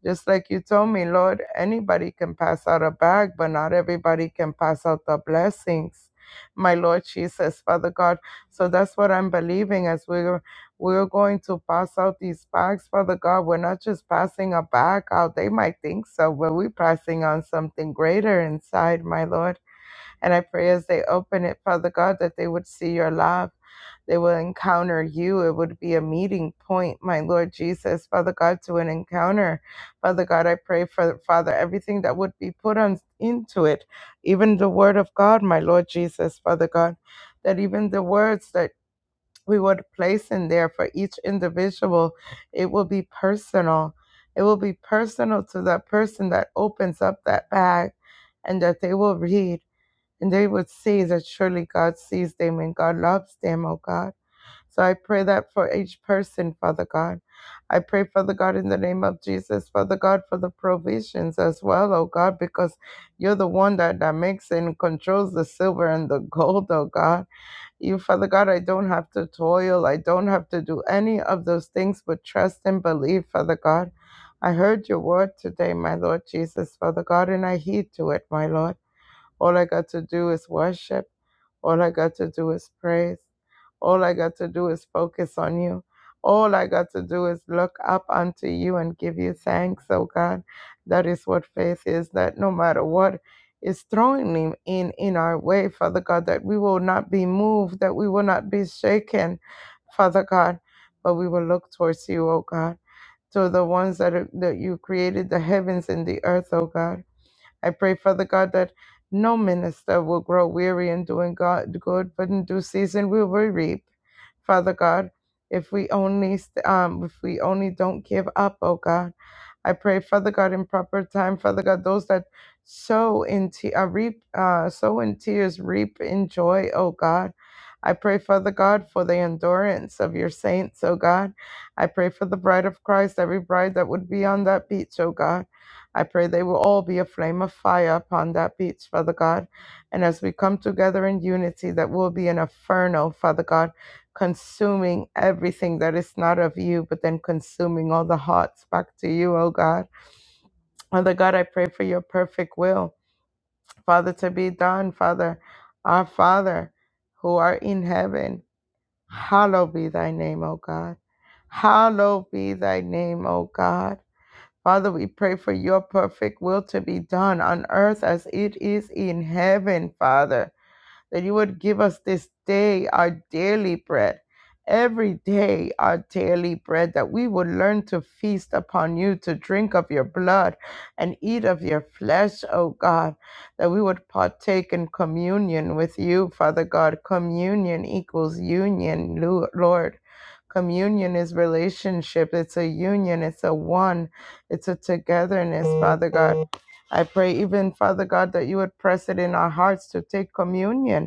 Just like you told me, Lord, anybody can pass out a bag, but not everybody can pass out the blessings. My Lord Jesus, Father God. So that's what I'm believing as we're we're going to pass out these bags, Father God. We're not just passing a bag out. They might think so, but we're passing on something greater inside, my Lord. And I pray as they open it, Father God, that they would see your love they will encounter you. It would be a meeting point, my Lord Jesus, Father God, to an encounter. Father God, I pray for Father everything that would be put on into it, even the word of God, my Lord Jesus, Father God, that even the words that we would place in there for each individual, it will be personal. It will be personal to that person that opens up that bag and that they will read and they would see that surely God sees them and God loves them, oh God. So I pray that for each person, Father God. I pray, Father God, in the name of Jesus, Father God, for the provisions as well, oh God, because you're the one that, that makes and controls the silver and the gold, oh God. You, Father God, I don't have to toil. I don't have to do any of those things but trust and believe, Father God. I heard your word today, my Lord Jesus, Father God, and I heed to it, my Lord. All I got to do is worship. All I got to do is praise. All I got to do is focus on you. All I got to do is look up unto you and give you thanks, oh God. That is what faith is, that no matter what is throwing me in in our way, Father God, that we will not be moved, that we will not be shaken, Father God, but we will look towards you, oh God, to the ones that, are, that you created the heavens and the earth, oh God. I pray, Father God, that no minister will grow weary in doing God good, but in due season we will reap. Father God. If we only, st- um, if we only don't give up, oh God, I pray, Father God, in proper time, Father God, those that sow in te- uh, reap, uh, sow in tears, reap in joy, oh God. I pray, Father God, for the endurance of your saints, oh God. I pray for the bride of Christ, every bride that would be on that beach, oh God. I pray they will all be a flame of fire upon that beach, Father God. And as we come together in unity, that will be an inferno, Father God consuming everything that is not of you, but then consuming all the hearts back to you, oh God. Father God, I pray for your perfect will, Father, to be done, Father, our Father who art in heaven. Hallowed be thy name, O God. Hallowed be thy name, O God. Father, we pray for your perfect will to be done on earth as it is in heaven, Father that you would give us this day our daily bread, every day our daily bread, that we would learn to feast upon you, to drink of your blood and eat of your flesh, O God, that we would partake in communion with you, Father God. Communion equals union, Lu- Lord. Communion is relationship. It's a union. It's a one. It's a togetherness, Father God. I pray, even Father God, that you would press it in our hearts to take communion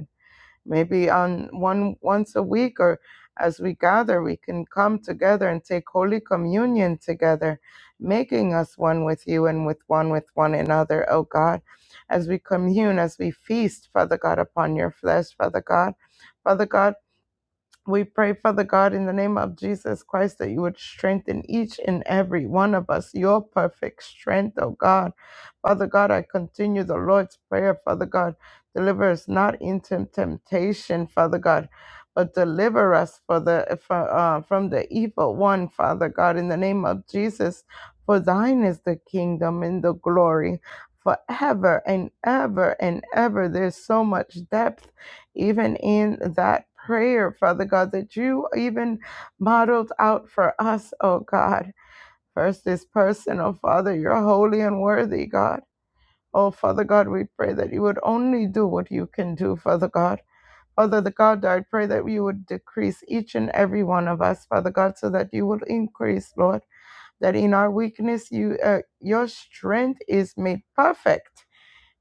maybe on one once a week or as we gather we can come together and take holy communion together making us one with you and with one with one another O god as we commune as we feast father god upon your flesh father god father god we pray, Father God, in the name of Jesus Christ, that you would strengthen each and every one of us, your perfect strength, oh God. Father God, I continue the Lord's prayer, Father God. Deliver us not into temptation, Father God, but deliver us for the, for, uh, from the evil one, Father God, in the name of Jesus. For thine is the kingdom and the glory forever and ever and ever. There's so much depth even in that prayer, Father God, that you even modeled out for us, oh God. First is personal, Father, you're holy and worthy, God. Oh, Father God, we pray that you would only do what you can do, Father God. Father the God, I pray that you would decrease each and every one of us, Father God, so that you would increase, Lord. That in our weakness, you uh, your strength is made perfect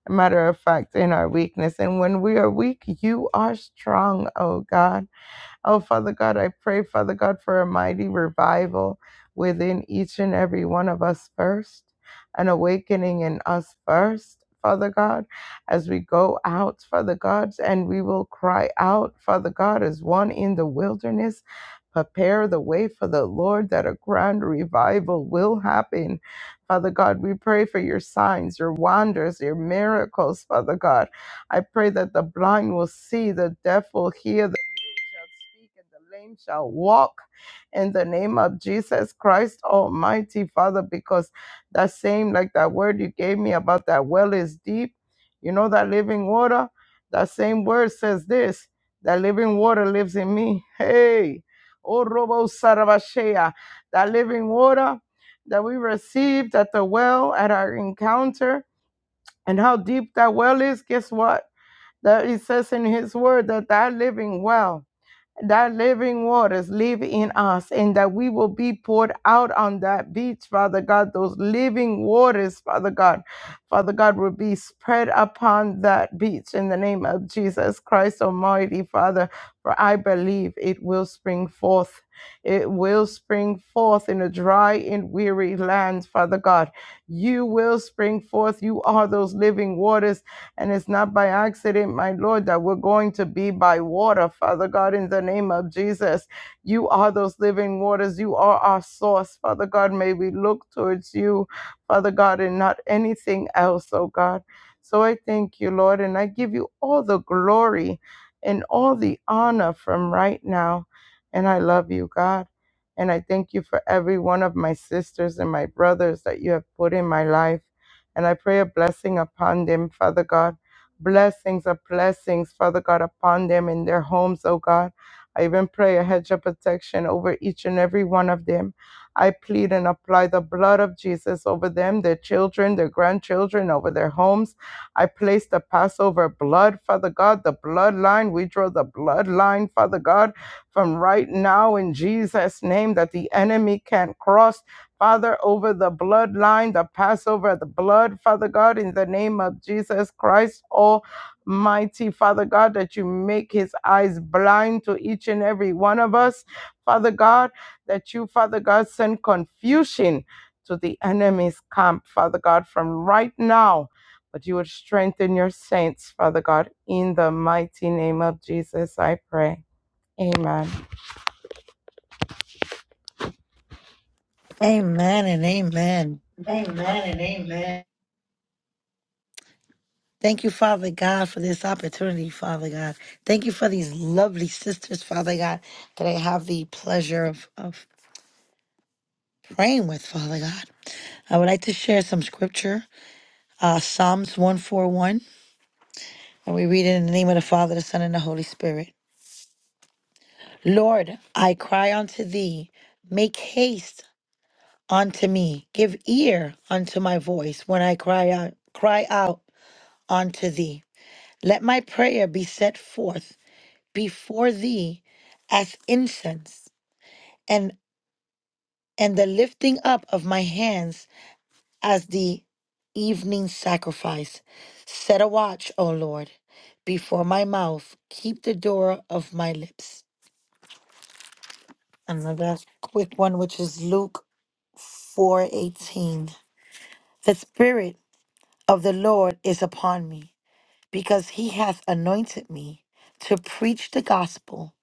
matter of fact, in our weakness. And when we are weak, you are strong, oh God. Oh, Father God, I pray, Father God, for a mighty revival within each and every one of us first, an awakening in us first. Father God, as we go out, Father God, and we will cry out, Father God, as one in the wilderness, prepare the way for the Lord that a grand revival will happen. Father God, we pray for your signs, your wonders, your miracles, Father God. I pray that the blind will see, the deaf will hear, shall speak and the lame shall walk in the name of Jesus Christ Almighty Father because that same like that word you gave me about that well is deep you know that living water that same word says this that living water lives in me hey oh robo sarabashea that living water that we received at the well at our encounter and how deep that well is guess what that it says in his word that that living well that living waters live in us and that we will be poured out on that beach, Father God. Those living waters, Father God, Father God, will be spread upon that beach in the name of Jesus Christ Almighty, Father. For I believe it will spring forth. It will spring forth in a dry and weary land, Father God. You will spring forth. You are those living waters and it's not by accident, my Lord, that we're going to be by water, Father God, in the name of Jesus. You are those living waters. You are our source, Father God. May we look towards you, Father God, and not anything else, oh God. So I thank you, Lord, and I give you all the glory and all the honor from right now. And I love you, God. And I thank you for every one of my sisters and my brothers that you have put in my life. And I pray a blessing upon them, Father God. Blessings of blessings, Father God, upon them in their homes, oh God. I even pray a hedge of protection over each and every one of them. I plead and apply the blood of Jesus over them, their children, their grandchildren, over their homes. I place the Passover blood, Father God, the bloodline. We draw the bloodline, Father God, from right now in Jesus' name that the enemy can't cross Father, over the bloodline, the Passover, the blood, Father God, in the name of Jesus Christ, Almighty Father God, that you make his eyes blind to each and every one of us, Father God, that you, Father God, send confusion to the enemy's camp, Father God, from right now. But you would strengthen your saints, Father God, in the mighty name of Jesus, I pray. Amen. Amen and amen. Amen and amen. Thank you, Father God, for this opportunity, Father God. Thank you for these lovely sisters, Father God, that I have the pleasure of, of praying with, Father God. I would like to share some scripture, uh, Psalms 141, and we read it in the name of the Father, the Son, and the Holy Spirit. Lord, I cry unto thee, make haste unto me, give ear unto my voice when I cry out, cry out unto thee. Let my prayer be set forth before thee as incense and and the lifting up of my hands as the evening sacrifice set a watch o lord before my mouth keep the door of my lips and the last quick one which is luke 4:18 the spirit of the lord is upon me because he hath anointed me to preach the gospel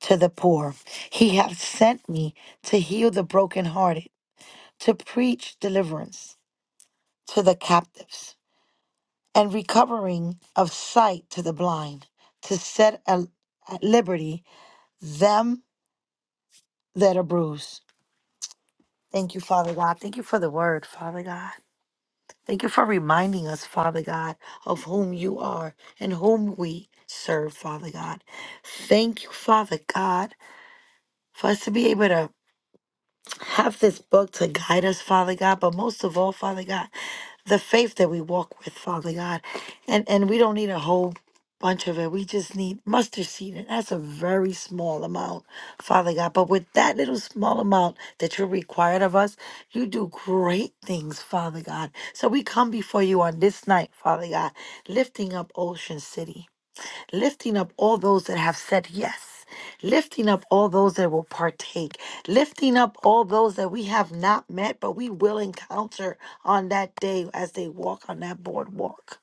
to the poor he hath sent me to heal the brokenhearted to preach deliverance to the captives and recovering of sight to the blind, to set al- at liberty them that are bruised. Thank you, Father God. Thank you for the word, Father God. Thank you for reminding us, Father God, of whom you are and whom we serve, Father God. Thank you, Father God, for us to be able to have this book to guide us, Father God, but most of all, Father God, the faith that we walk with, Father God. And and we don't need a whole bunch of it. We just need mustard seed. And that's a very small amount, Father God. But with that little small amount that you're required of us, you do great things, Father God. So we come before you on this night, Father God, lifting up Ocean City lifting up all those that have said yes, lifting up all those that will partake, lifting up all those that we have not met, but we will encounter on that day as they walk on that boardwalk,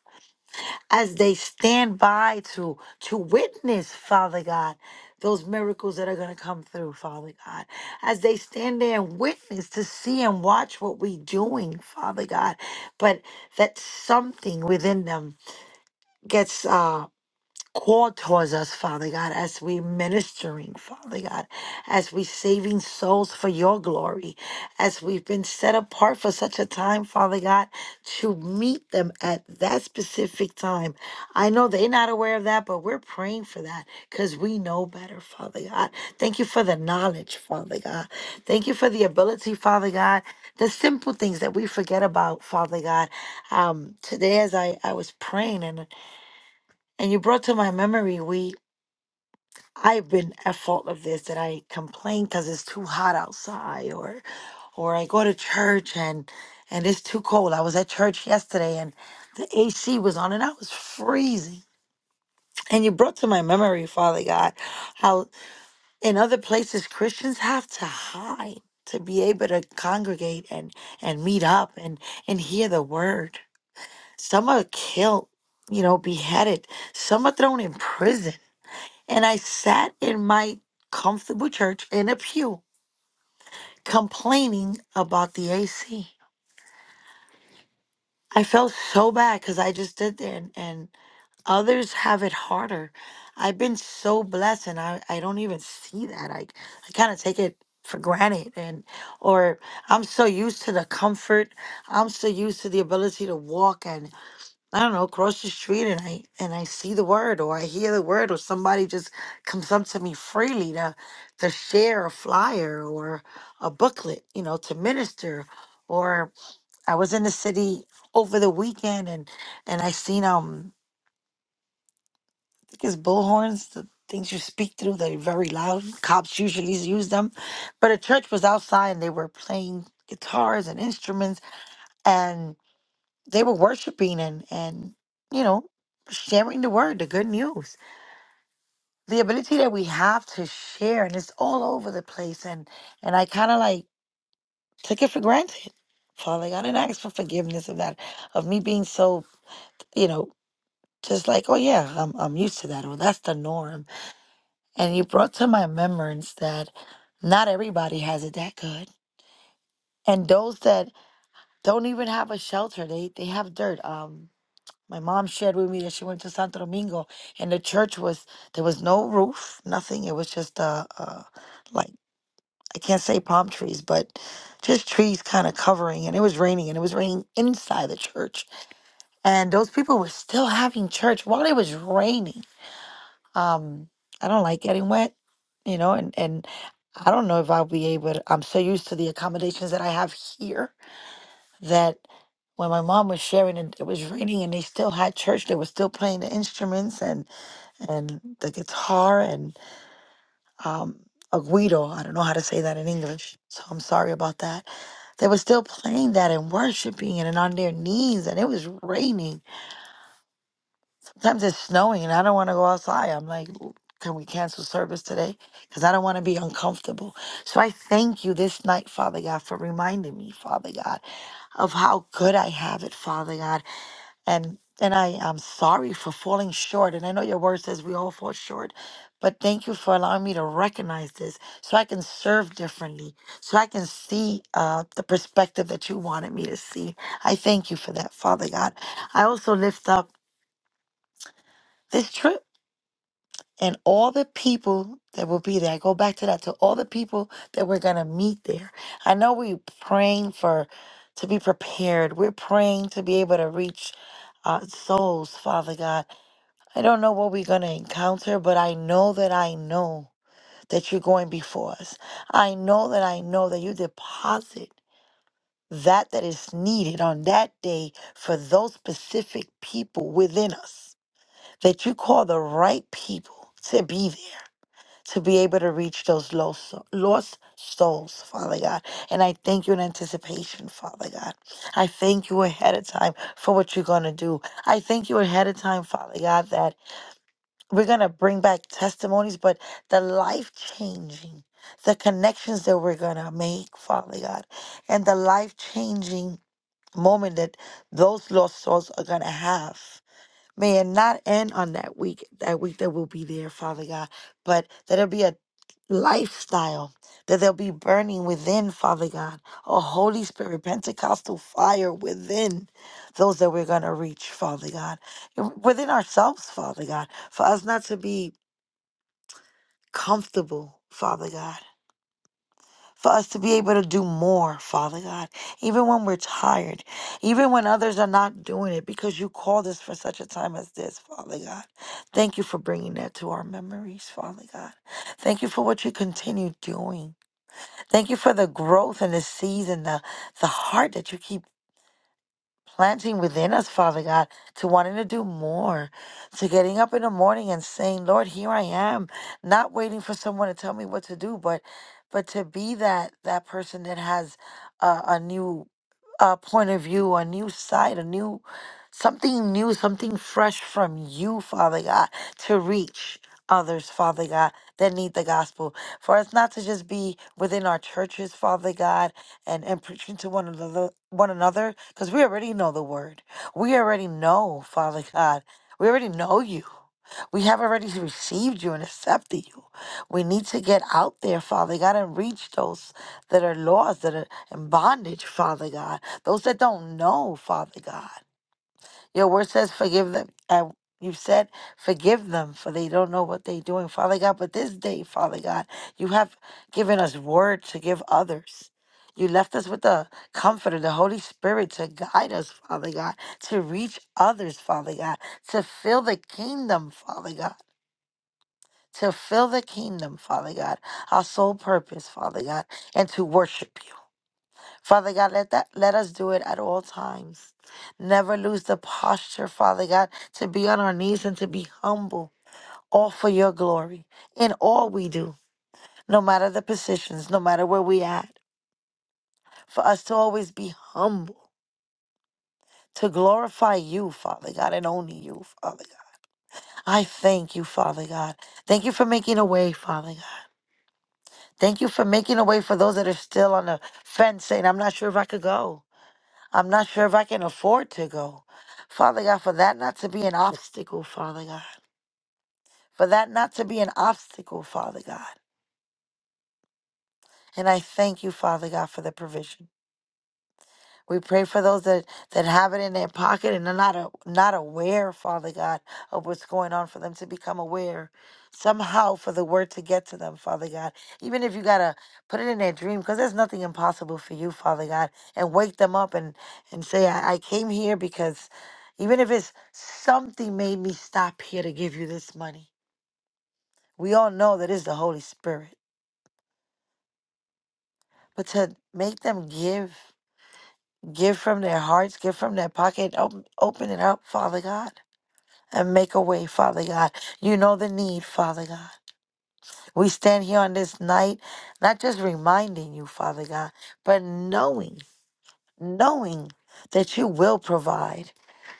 as they stand by to to witness, Father God. Those miracles that are going to come through, Father God, as they stand there and witness to see and watch what we're doing, Father God, but that something within them gets uh, call towards us, Father God, as we ministering, Father God, as we saving souls for your glory, as we've been set apart for such a time, Father God, to meet them at that specific time. I know they're not aware of that, but we're praying for that because we know better, Father God. Thank you for the knowledge, Father God. Thank you for the ability, Father God. The simple things that we forget about, Father God. Um, today, as I, I was praying and and you brought to my memory, we I've been at fault of this that I complain because it's too hot outside, or or I go to church and and it's too cold. I was at church yesterday and the AC was on and I was freezing. And you brought to my memory, Father God, how in other places Christians have to hide to be able to congregate and and meet up and and hear the word. Some are killed, you know, beheaded. Some are thrown in prison And I sat in my comfortable church in a pew complaining about the AC. I felt so bad because I just did that, and, and others have it harder. I've been so blessed, and I, I don't even see that. I, I kind of take it for granted, and or I'm so used to the comfort, I'm so used to the ability to walk, and. I don't know, cross the street and I and I see the word or I hear the word or somebody just comes up to me freely to to share a flyer or a booklet, you know, to minister. Or I was in the city over the weekend and and I seen um I think it's bullhorns, the things you speak through, they're very loud. Cops usually use them. But a church was outside and they were playing guitars and instruments they were worshiping and and you know sharing the word the good news the ability that we have to share and it's all over the place and and i kind of like took it for granted father like, i didn't ask for forgiveness of that of me being so you know just like oh yeah i'm, I'm used to that or that's the norm and you brought to my remembrance that not everybody has it that good and those that don't even have a shelter they they have dirt um My mom shared with me that she went to Santo Domingo, and the church was there was no roof, nothing. It was just uh, uh like I can't say palm trees, but just trees kind of covering. And it was raining, and it was raining inside the church, and those people were still having church while it was raining. Um, I don't like getting wet, you know, and and I don't know if I'll be able. to, I'm so used to the accommodations that I have here that when my mom was sharing and it was raining and they still had church they were still playing the instruments and and the guitar and um a guido i don't know how to say that in english so i'm sorry about that they were still playing that and worshiping and, and on their knees and it was raining sometimes it's snowing and i don't want to go outside i'm like "L- can we cancel service today because i don't want to be uncomfortable so i thank you this night father god for reminding me father god of how good i have it father god and and I am sorry for falling short. And I know your word says we all fall short, but thank you for allowing me to recognize this, so I can serve differently, so I can see uh, the perspective that you wanted me to see. I thank you for that, Father God. I also lift up this trip and all the people that will be there. I go back to that to all the people that we're gonna meet there. I know we're praying for to be prepared. We're praying to be able to reach uh, souls, Father God. I don't know what we're going to encounter, but I know that I know that you're going before us. I know that I know that you deposit that that is needed on that day for those specific people within us, that you call the right people to be there. To be able to reach those lost, lost souls, Father God. And I thank you in anticipation, Father God. I thank you ahead of time for what you're going to do. I thank you ahead of time, Father God, that we're going to bring back testimonies, but the life changing, the connections that we're going to make, Father God, and the life changing moment that those lost souls are going to have. Man, not end on that week, that week that will be there, Father God, but that it'll be a lifestyle that there'll be burning within, Father God, a Holy Spirit, Pentecostal fire within those that we're going to reach, Father God, and within ourselves, Father God, for us not to be comfortable, Father God for us to be able to do more, Father God, even when we're tired, even when others are not doing it, because you called us for such a time as this, Father God. Thank you for bringing that to our memories, Father God. Thank you for what you continue doing. Thank you for the growth and the season, the, the heart that you keep planting within us, Father God, to wanting to do more, to getting up in the morning and saying, Lord, here I am, not waiting for someone to tell me what to do, but but to be that that person that has a, a new uh, point of view, a new side, a new something new, something fresh from you, Father God, to reach others, Father God, that need the gospel. For us not to just be within our churches, Father God, and and preaching to one another one another because we already know the word we already know father god we already know you we have already received you and accepted you we need to get out there father god and reach those that are lost that are in bondage father god those that don't know father god your word says, forgive them. And you've said, forgive them, for they don't know what they're doing, Father God. But this day, Father God, you have given us word to give others. You left us with the comforter, the Holy Spirit to guide us, Father God, to reach others, Father God, to fill the kingdom, Father God, to fill the kingdom, Father God, our sole purpose, Father God, and to worship you. Father God, let that let us do it at all times. Never lose the posture, Father God, to be on our knees and to be humble, all for your glory in all we do, no matter the positions, no matter where we at. For us to always be humble, to glorify you, Father God, and only you, Father God. I thank you, Father God. Thank you for making a way, Father God. Thank you for making a way for those that are still on the fence saying, I'm not sure if I could go. I'm not sure if I can afford to go. Father God, for that not to be an obstacle, Father God. For that not to be an obstacle, Father God. And I thank you, Father God, for the provision. We pray for those that, that have it in their pocket and are not a, not aware, Father God, of what's going on for them to become aware somehow for the word to get to them, Father God. Even if you got to put it in their dream, because there's nothing impossible for you, Father God, and wake them up and, and say, I, I came here because even if it's something made me stop here to give you this money. We all know that it's the Holy Spirit, but to make them give, give from their hearts, give from their pocket, open, open it up, Father God and make a way, Father God. You know the need, Father God. We stand here on this night, not just reminding you, Father God, but knowing, knowing that you will provide,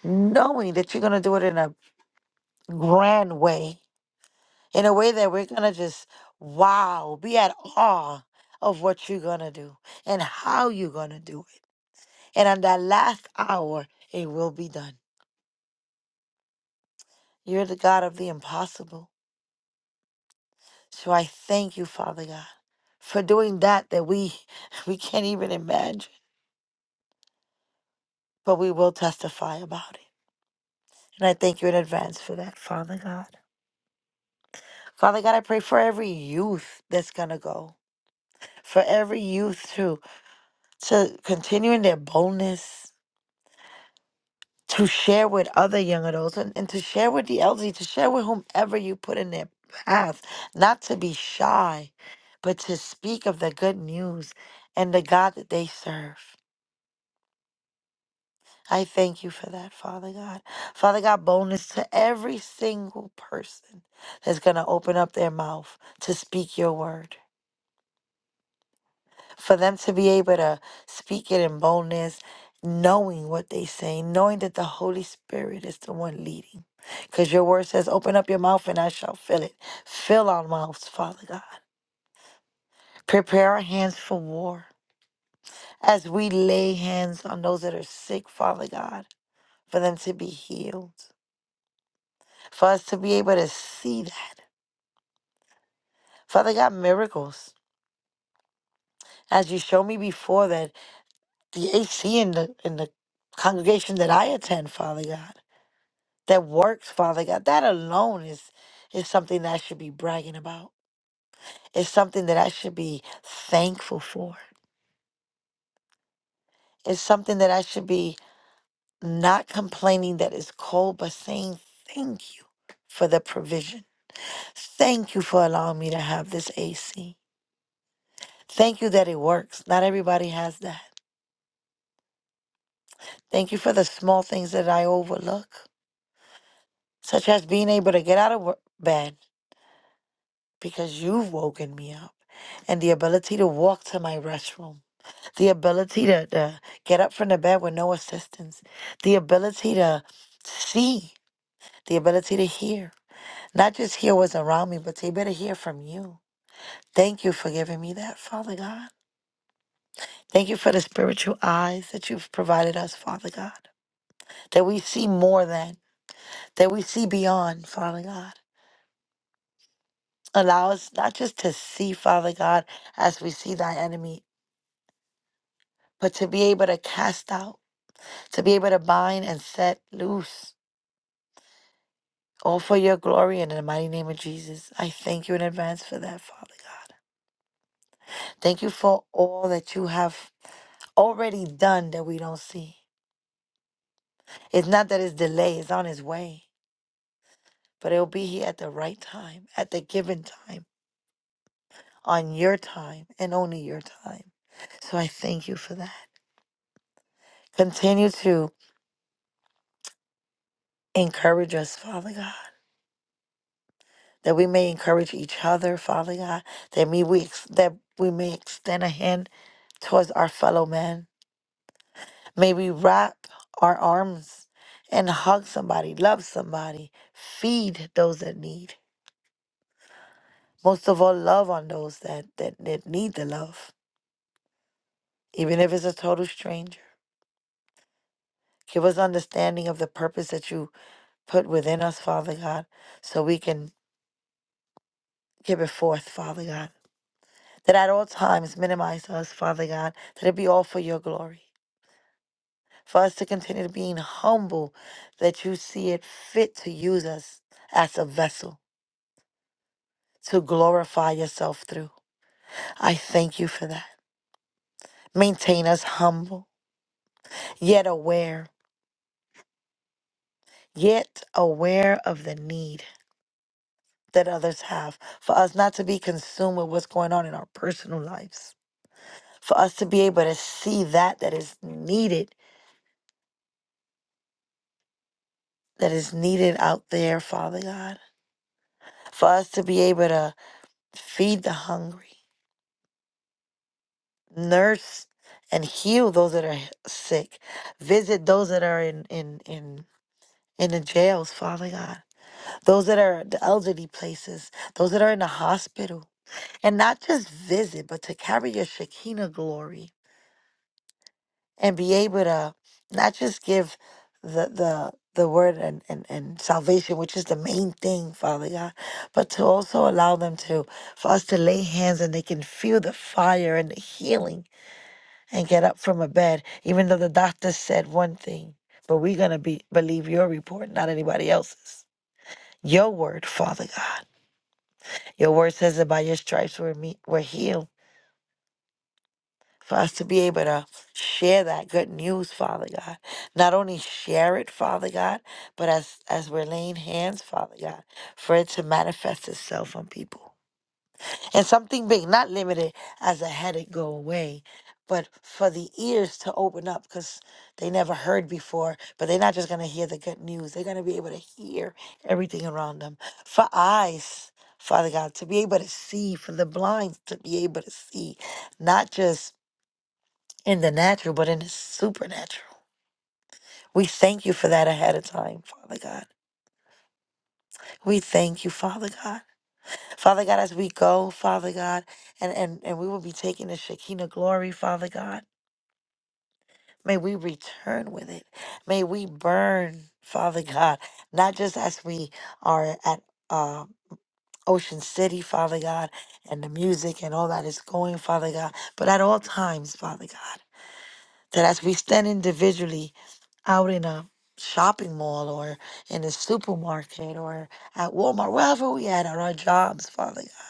knowing that you're going to do it in a grand way, in a way that we're going to just wow, be at awe of what you're going to do and how you're going to do it. And on that last hour, it will be done. You're the God of the impossible. So I thank you, Father God, for doing that that we we can't even imagine, but we will testify about it. And I thank you in advance for that, Father God. Father God, I pray for every youth that's gonna go, for every youth to to continue in their boldness, to share with other young adults and, and to share with the elderly, to share with whomever you put in their path, not to be shy, but to speak of the good news and the God that they serve. I thank you for that, Father God. Father God, bonus to every single person that's going to open up their mouth to speak your word. For them to be able to speak it in boldness, knowing what they say, knowing that the Holy Spirit is the one leading. Because your word says, open up your mouth and I shall fill it. Fill our mouths, Father God. Prepare our hands for war as we lay hands on those that are sick, Father God, for them to be healed. for us to be able to see that. Father God, miracles. As you showed me before that the HC in the in the congregation that I attend, Father God, that works, Father God, that alone is is something that I should be bragging about. It's something that I should be thankful for. It's something that I should be not complaining that it's cold, but saying thank you for the provision. Thank you for allowing me to have this AC. Thank you that it works. Not everybody has that. Thank you for the small things that I overlook, such as being able to get out of wo- bed because you've woken me up, and the ability to walk to my restroom, the ability to, to get up from the bed with no assistance, the ability to see, the ability to hear, not just hear what's around me, but to be able to hear from you. Thank you for giving me that, Father God. Thank you for the spiritual eyes that you've provided us, Father God, that we see more than, that we see beyond, Father God. Allow us not just to see, Father God, as we see thy enemy, but to be able to cast out, to be able to bind and set loose, all for your glory and in the mighty name of Jesus. I thank you in advance for that, Father God. Thank you for all that you have already done that we don't see. It's not that it's delayed, it's on its way, but it'll be here at the right time, at the given time, on your time, and only your time. So I thank you for that. Continue to encourage us, Father God, that we may encourage each other, Father God, that may we ex- that we may extend a hand towards our fellow man. May we wrap our arms and hug somebody, love somebody, feed those that need. Most of all, love on those that, that, that need the love, even if it's a total stranger. Give us understanding of the purpose that you put within us, Father God, so we can give it forth, Father God. that at all times minimize us, Father God, that it be all for your glory. For us to continue to being humble, that you see it fit to use us as a vessel to glorify yourself through. I thank you for that. Maintain us humble, yet aware, yet aware of the need that others have for us not to be consumed with what's going on in our personal lives. For us to be able to see that that is needed, that is needed out there, Father God for us to be able to feed the hungry, nurse and heal those that are sick, visit those that are in in in in the jails, Father God, those that are the elderly places, those that are in the hospital, and not just visit, but to carry your Shekinah glory and be able to not just give the the the word and, and, and salvation, which is the main thing, Father God, but to also allow them to for us to lay hands and they can feel the fire and the healing and get up from a bed, even though the doctor said one thing. But we're gonna be believe your report, not anybody else's. Your word, Father God. Your word says that by your stripes we're, me, we're healed. for us to be able to share that good news, Father God. Not only share it, Father God, but as as we're laying hands, Father God, for it to manifest itself on people. And something big, not limited as a headache go away, but for the ears to open up because they never heard before, but they're not just going to hear the good news. They're going to be able to hear everything around them. For eyes, Father God, to be able to see, for the blind to be able to see, not just in the natural, but in the supernatural. We thank you for that ahead of time, Father God. We thank you, Father God. Father God, as we go, Father God, and, and, and we will be taking the Shekinah glory, Father God. May we return with it. May we burn, Father God, not just as we are at uh, Ocean City, Father God, and the music and all that is going, Father God, but at all times, Father God, that as we stand individually out in a shopping mall or in a supermarket or at Walmart, wherever we at on our jobs, Father God.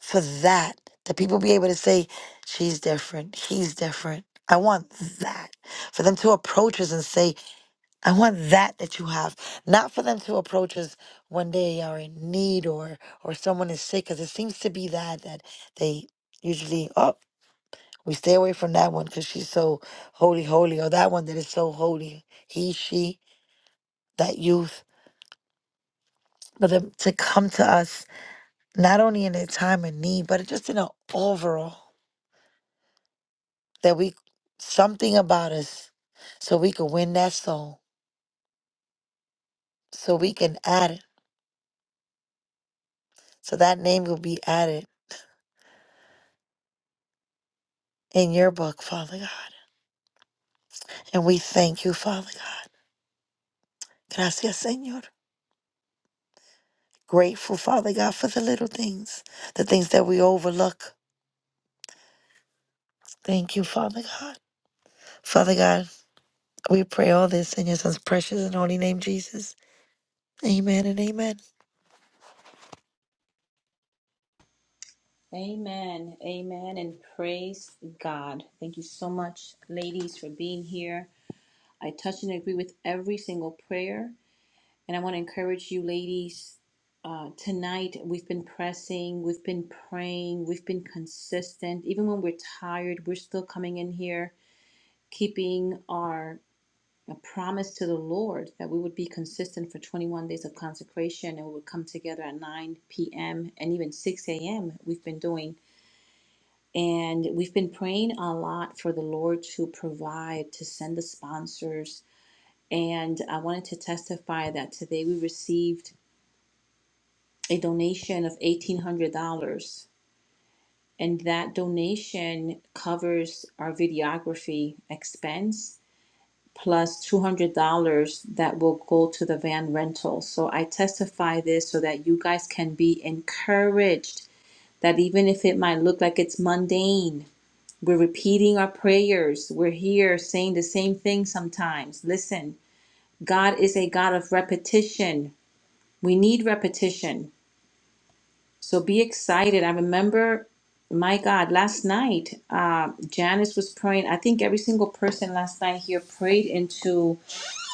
For that, that people be able to say, She's different, he's different. I want that. For them to approach us and say, I want that that you have. Not for them to approach us when they are in need or or someone is sick, because it seems to be that that they usually oh we stay away from that one because she's so holy, holy, or that one that is so holy. He, she that youth, for them to come to us not only in a time of need, but just in an overall that we something about us so we can win that soul, so we can add it, so that name will be added in your book, Father God. And we thank you, Father God. Gracias, Señor. Grateful, Father God, for the little things, the things that we overlook. Thank you, Father God. Father God, we pray all this in your son's precious and holy name, Jesus. Amen and amen. Amen. Amen. And praise God. Thank you so much, ladies, for being here. I touch and agree with every single prayer. And I want to encourage you, ladies. Uh, tonight, we've been pressing, we've been praying, we've been consistent. Even when we're tired, we're still coming in here, keeping our uh, promise to the Lord that we would be consistent for 21 days of consecration and we would come together at 9 p.m. and even 6 a.m. We've been doing. And we've been praying a lot for the Lord to provide, to send the sponsors. And I wanted to testify that today we received a donation of $1,800. And that donation covers our videography expense $200 that will go to the van rental. So I testify this so that you guys can be encouraged that even if it might look like it's mundane, we're repeating our prayers. We're here saying the same thing sometimes. Listen, God is a God of repetition. We need repetition. So be excited. I remember, my God, last night, uh, Janice was praying. I think every single person last night here prayed into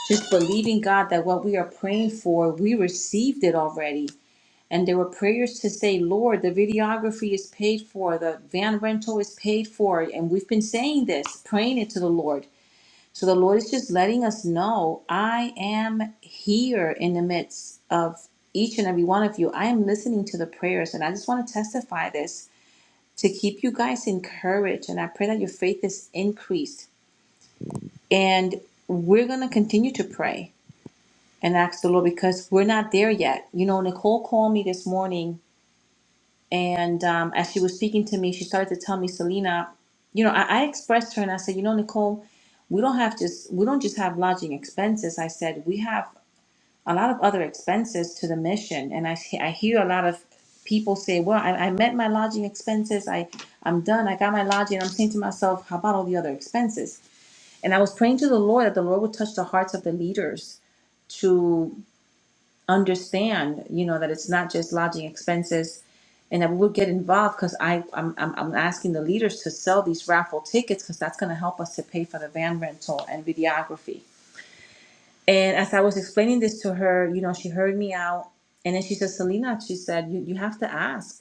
just believing God that what we are praying for, we received it already. And there were prayers to say, Lord, the videography is paid for, the van rental is paid for. And we've been saying this, praying it to the Lord. So the Lord is just letting us know I am here in the midst of each and every one of you. I am listening to the prayers, and I just want to testify this to keep you guys encouraged. And I pray that your faith is increased. And we're going to continue to pray and ask the Lord because we're not there yet. You know, Nicole called me this morning And um, as she was speaking to me, she started to tell me, Selena, you know, I, I expressed her and I said, you know, Nicole, we don't have just we don't just have lodging expenses. I said we have a lot of other expenses to the mission, and I I hear a lot of people say, well, I, I met my lodging expenses. I I'm done. I got my lodging. I'm saying to myself, how about all the other expenses? And I was praying to the Lord that the Lord would touch the hearts of the leaders to understand, you know, that it's not just lodging expenses and that we'll get involved because I I'm, I'm I'm asking the leaders to sell these raffle tickets because that's going to help us to pay for the van rental and videography. And as I was explaining this to her, you know, she heard me out and then she said, Selena, she said, you, you have to ask.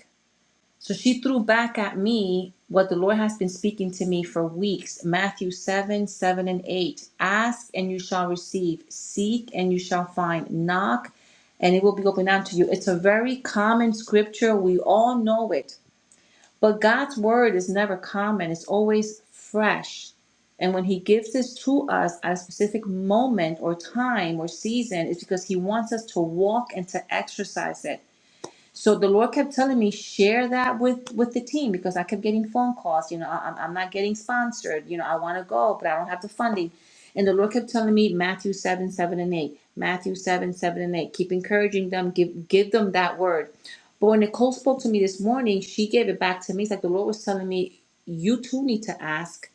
So she threw back at me what the Lord has been speaking to me for weeks Matthew 7 7 and 8. Ask and you shall receive, seek and you shall find, knock and it will be opened unto you. It's a very common scripture. We all know it. But God's word is never common, it's always fresh. And when He gives this to us at a specific moment or time or season, it's because He wants us to walk and to exercise it. So the Lord kept telling me share that with with the team because I kept getting phone calls. You know, I- I'm I'm not getting sponsored. You know, I want to go, but I don't have the funding. And the Lord kept telling me Matthew seven seven and eight, Matthew seven seven and eight. Keep encouraging them. Give give them that word. But when Nicole spoke to me this morning, she gave it back to me. It's like the Lord was telling me, you too need to ask.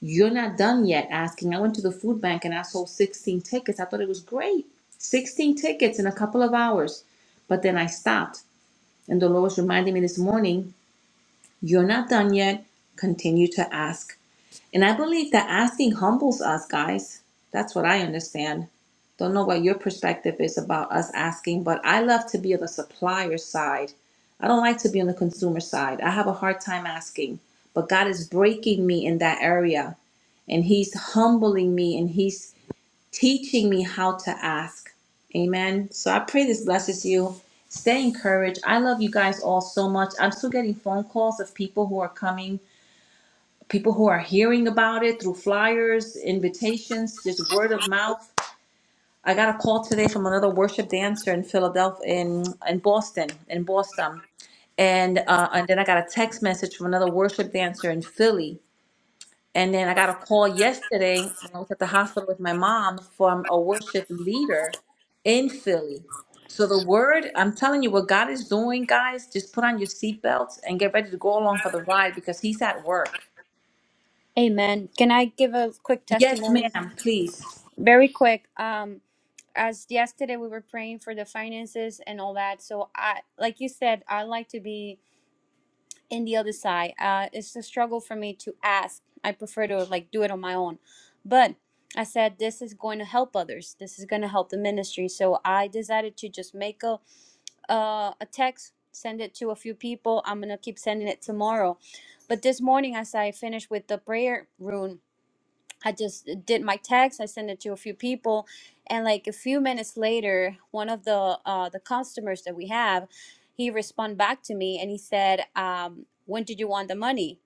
You're not done yet asking. I went to the food bank and I sold 16 tickets. I thought it was great. 16 tickets in a couple of hours. But then I stopped and the Lord was reminding me this morning, you're not done yet. Continue to ask. And I believe that asking humbles us, guys. That's what I understand. Don't know what your perspective is about us asking, but I love to be on the supplier side. I don't like to be on the consumer side. I have a hard time asking, but God is breaking me in that area and he's humbling me and he's teaching me how to ask. Amen. So I pray this blesses you. Stay encouraged. I love you guys all so much. I'm still getting phone calls of people who are coming, people who are hearing about it through flyers, invitations, just word of mouth. I got a call today from another worship dancer in Philadelphia, in, in Boston, in Boston. And, uh, and then I got a text message from another worship dancer in Philly and then I got a call yesterday when I was at the hospital with my mom from a worship leader in Philly. So the word, I'm telling you, what God is doing, guys, just put on your seatbelts and get ready to go along for the ride because He's at work. Amen. Can I give a quick Yes, testimony? ma'am, please. Very quick. Um, as yesterday we were praying for the finances and all that. So I, like you said, I like to be in the other side. Uh, it's a struggle for me to ask. I prefer to like do it on my own. But I said this is going to help others. This is going to help the ministry. So I decided to just make a uh, a text, send it to a few people. I'm gonna keep sending it tomorrow. But this morning, as I finished with the prayer room, I just did my text. I sent it to a few people, and like a few minutes later, one of the uh, the customers that we have, he responded back to me and he said, um, "When did you want the money?"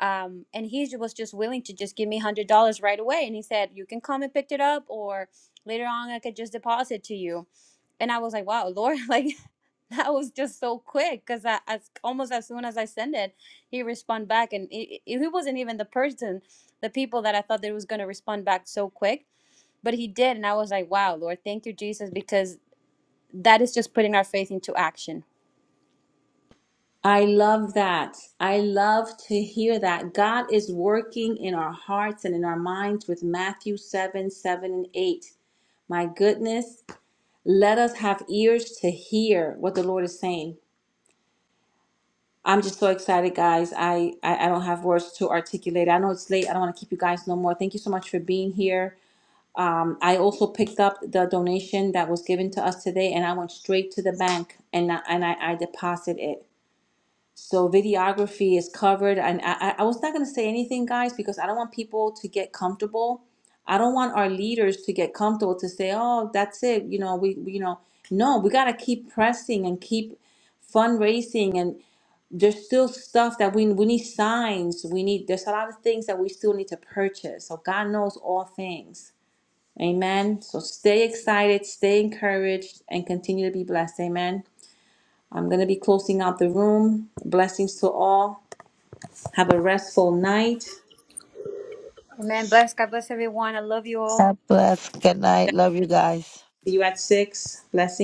Um, and he was just willing to just give me hundred dollars right away. And he said, "You can come and pick it up, or later on I could just deposit to you." And I was like, "Wow, Lord!" Like That was just so quick because I, as almost as soon as I send it, he respond back, and he, he wasn't even the person, the people that I thought that he was going to respond back so quick, but he did, and I was like, wow, Lord, thank you, Jesus, because that is just putting our faith into action. I love that. I love to hear that. God is working in our hearts and in our minds with Matthew 7 7 and 8. My goodness, let us have ears to hear what the Lord is saying. I'm just so excited, guys. I, I I don't have words to articulate. I know it's late. I don't want to keep you guys no more. Thank you so much for being here. Um, I also picked up the donation that was given to us today, and I went straight to the bank and I, and I, I deposited it. So videography is covered, and I I I was not gonna say anything, guys, because I don't want people to get comfortable. I don't want our leaders to get comfortable to say, "Oh, that's it," you know. We, we you know, no, we gotta keep pressing and keep fundraising and there's still stuff that we we need signs. We need there's a lot of things that we still need to purchase. So God knows all things. Amen. So stay excited, stay encouraged, and continue to be blessed. Amen. I'm gonna be closing out the room. Blessings to all. Have a restful night. See Amen. Bless God, bless everyone. I love you all. God bless. Good night. Love you guys. you at six. Blessings.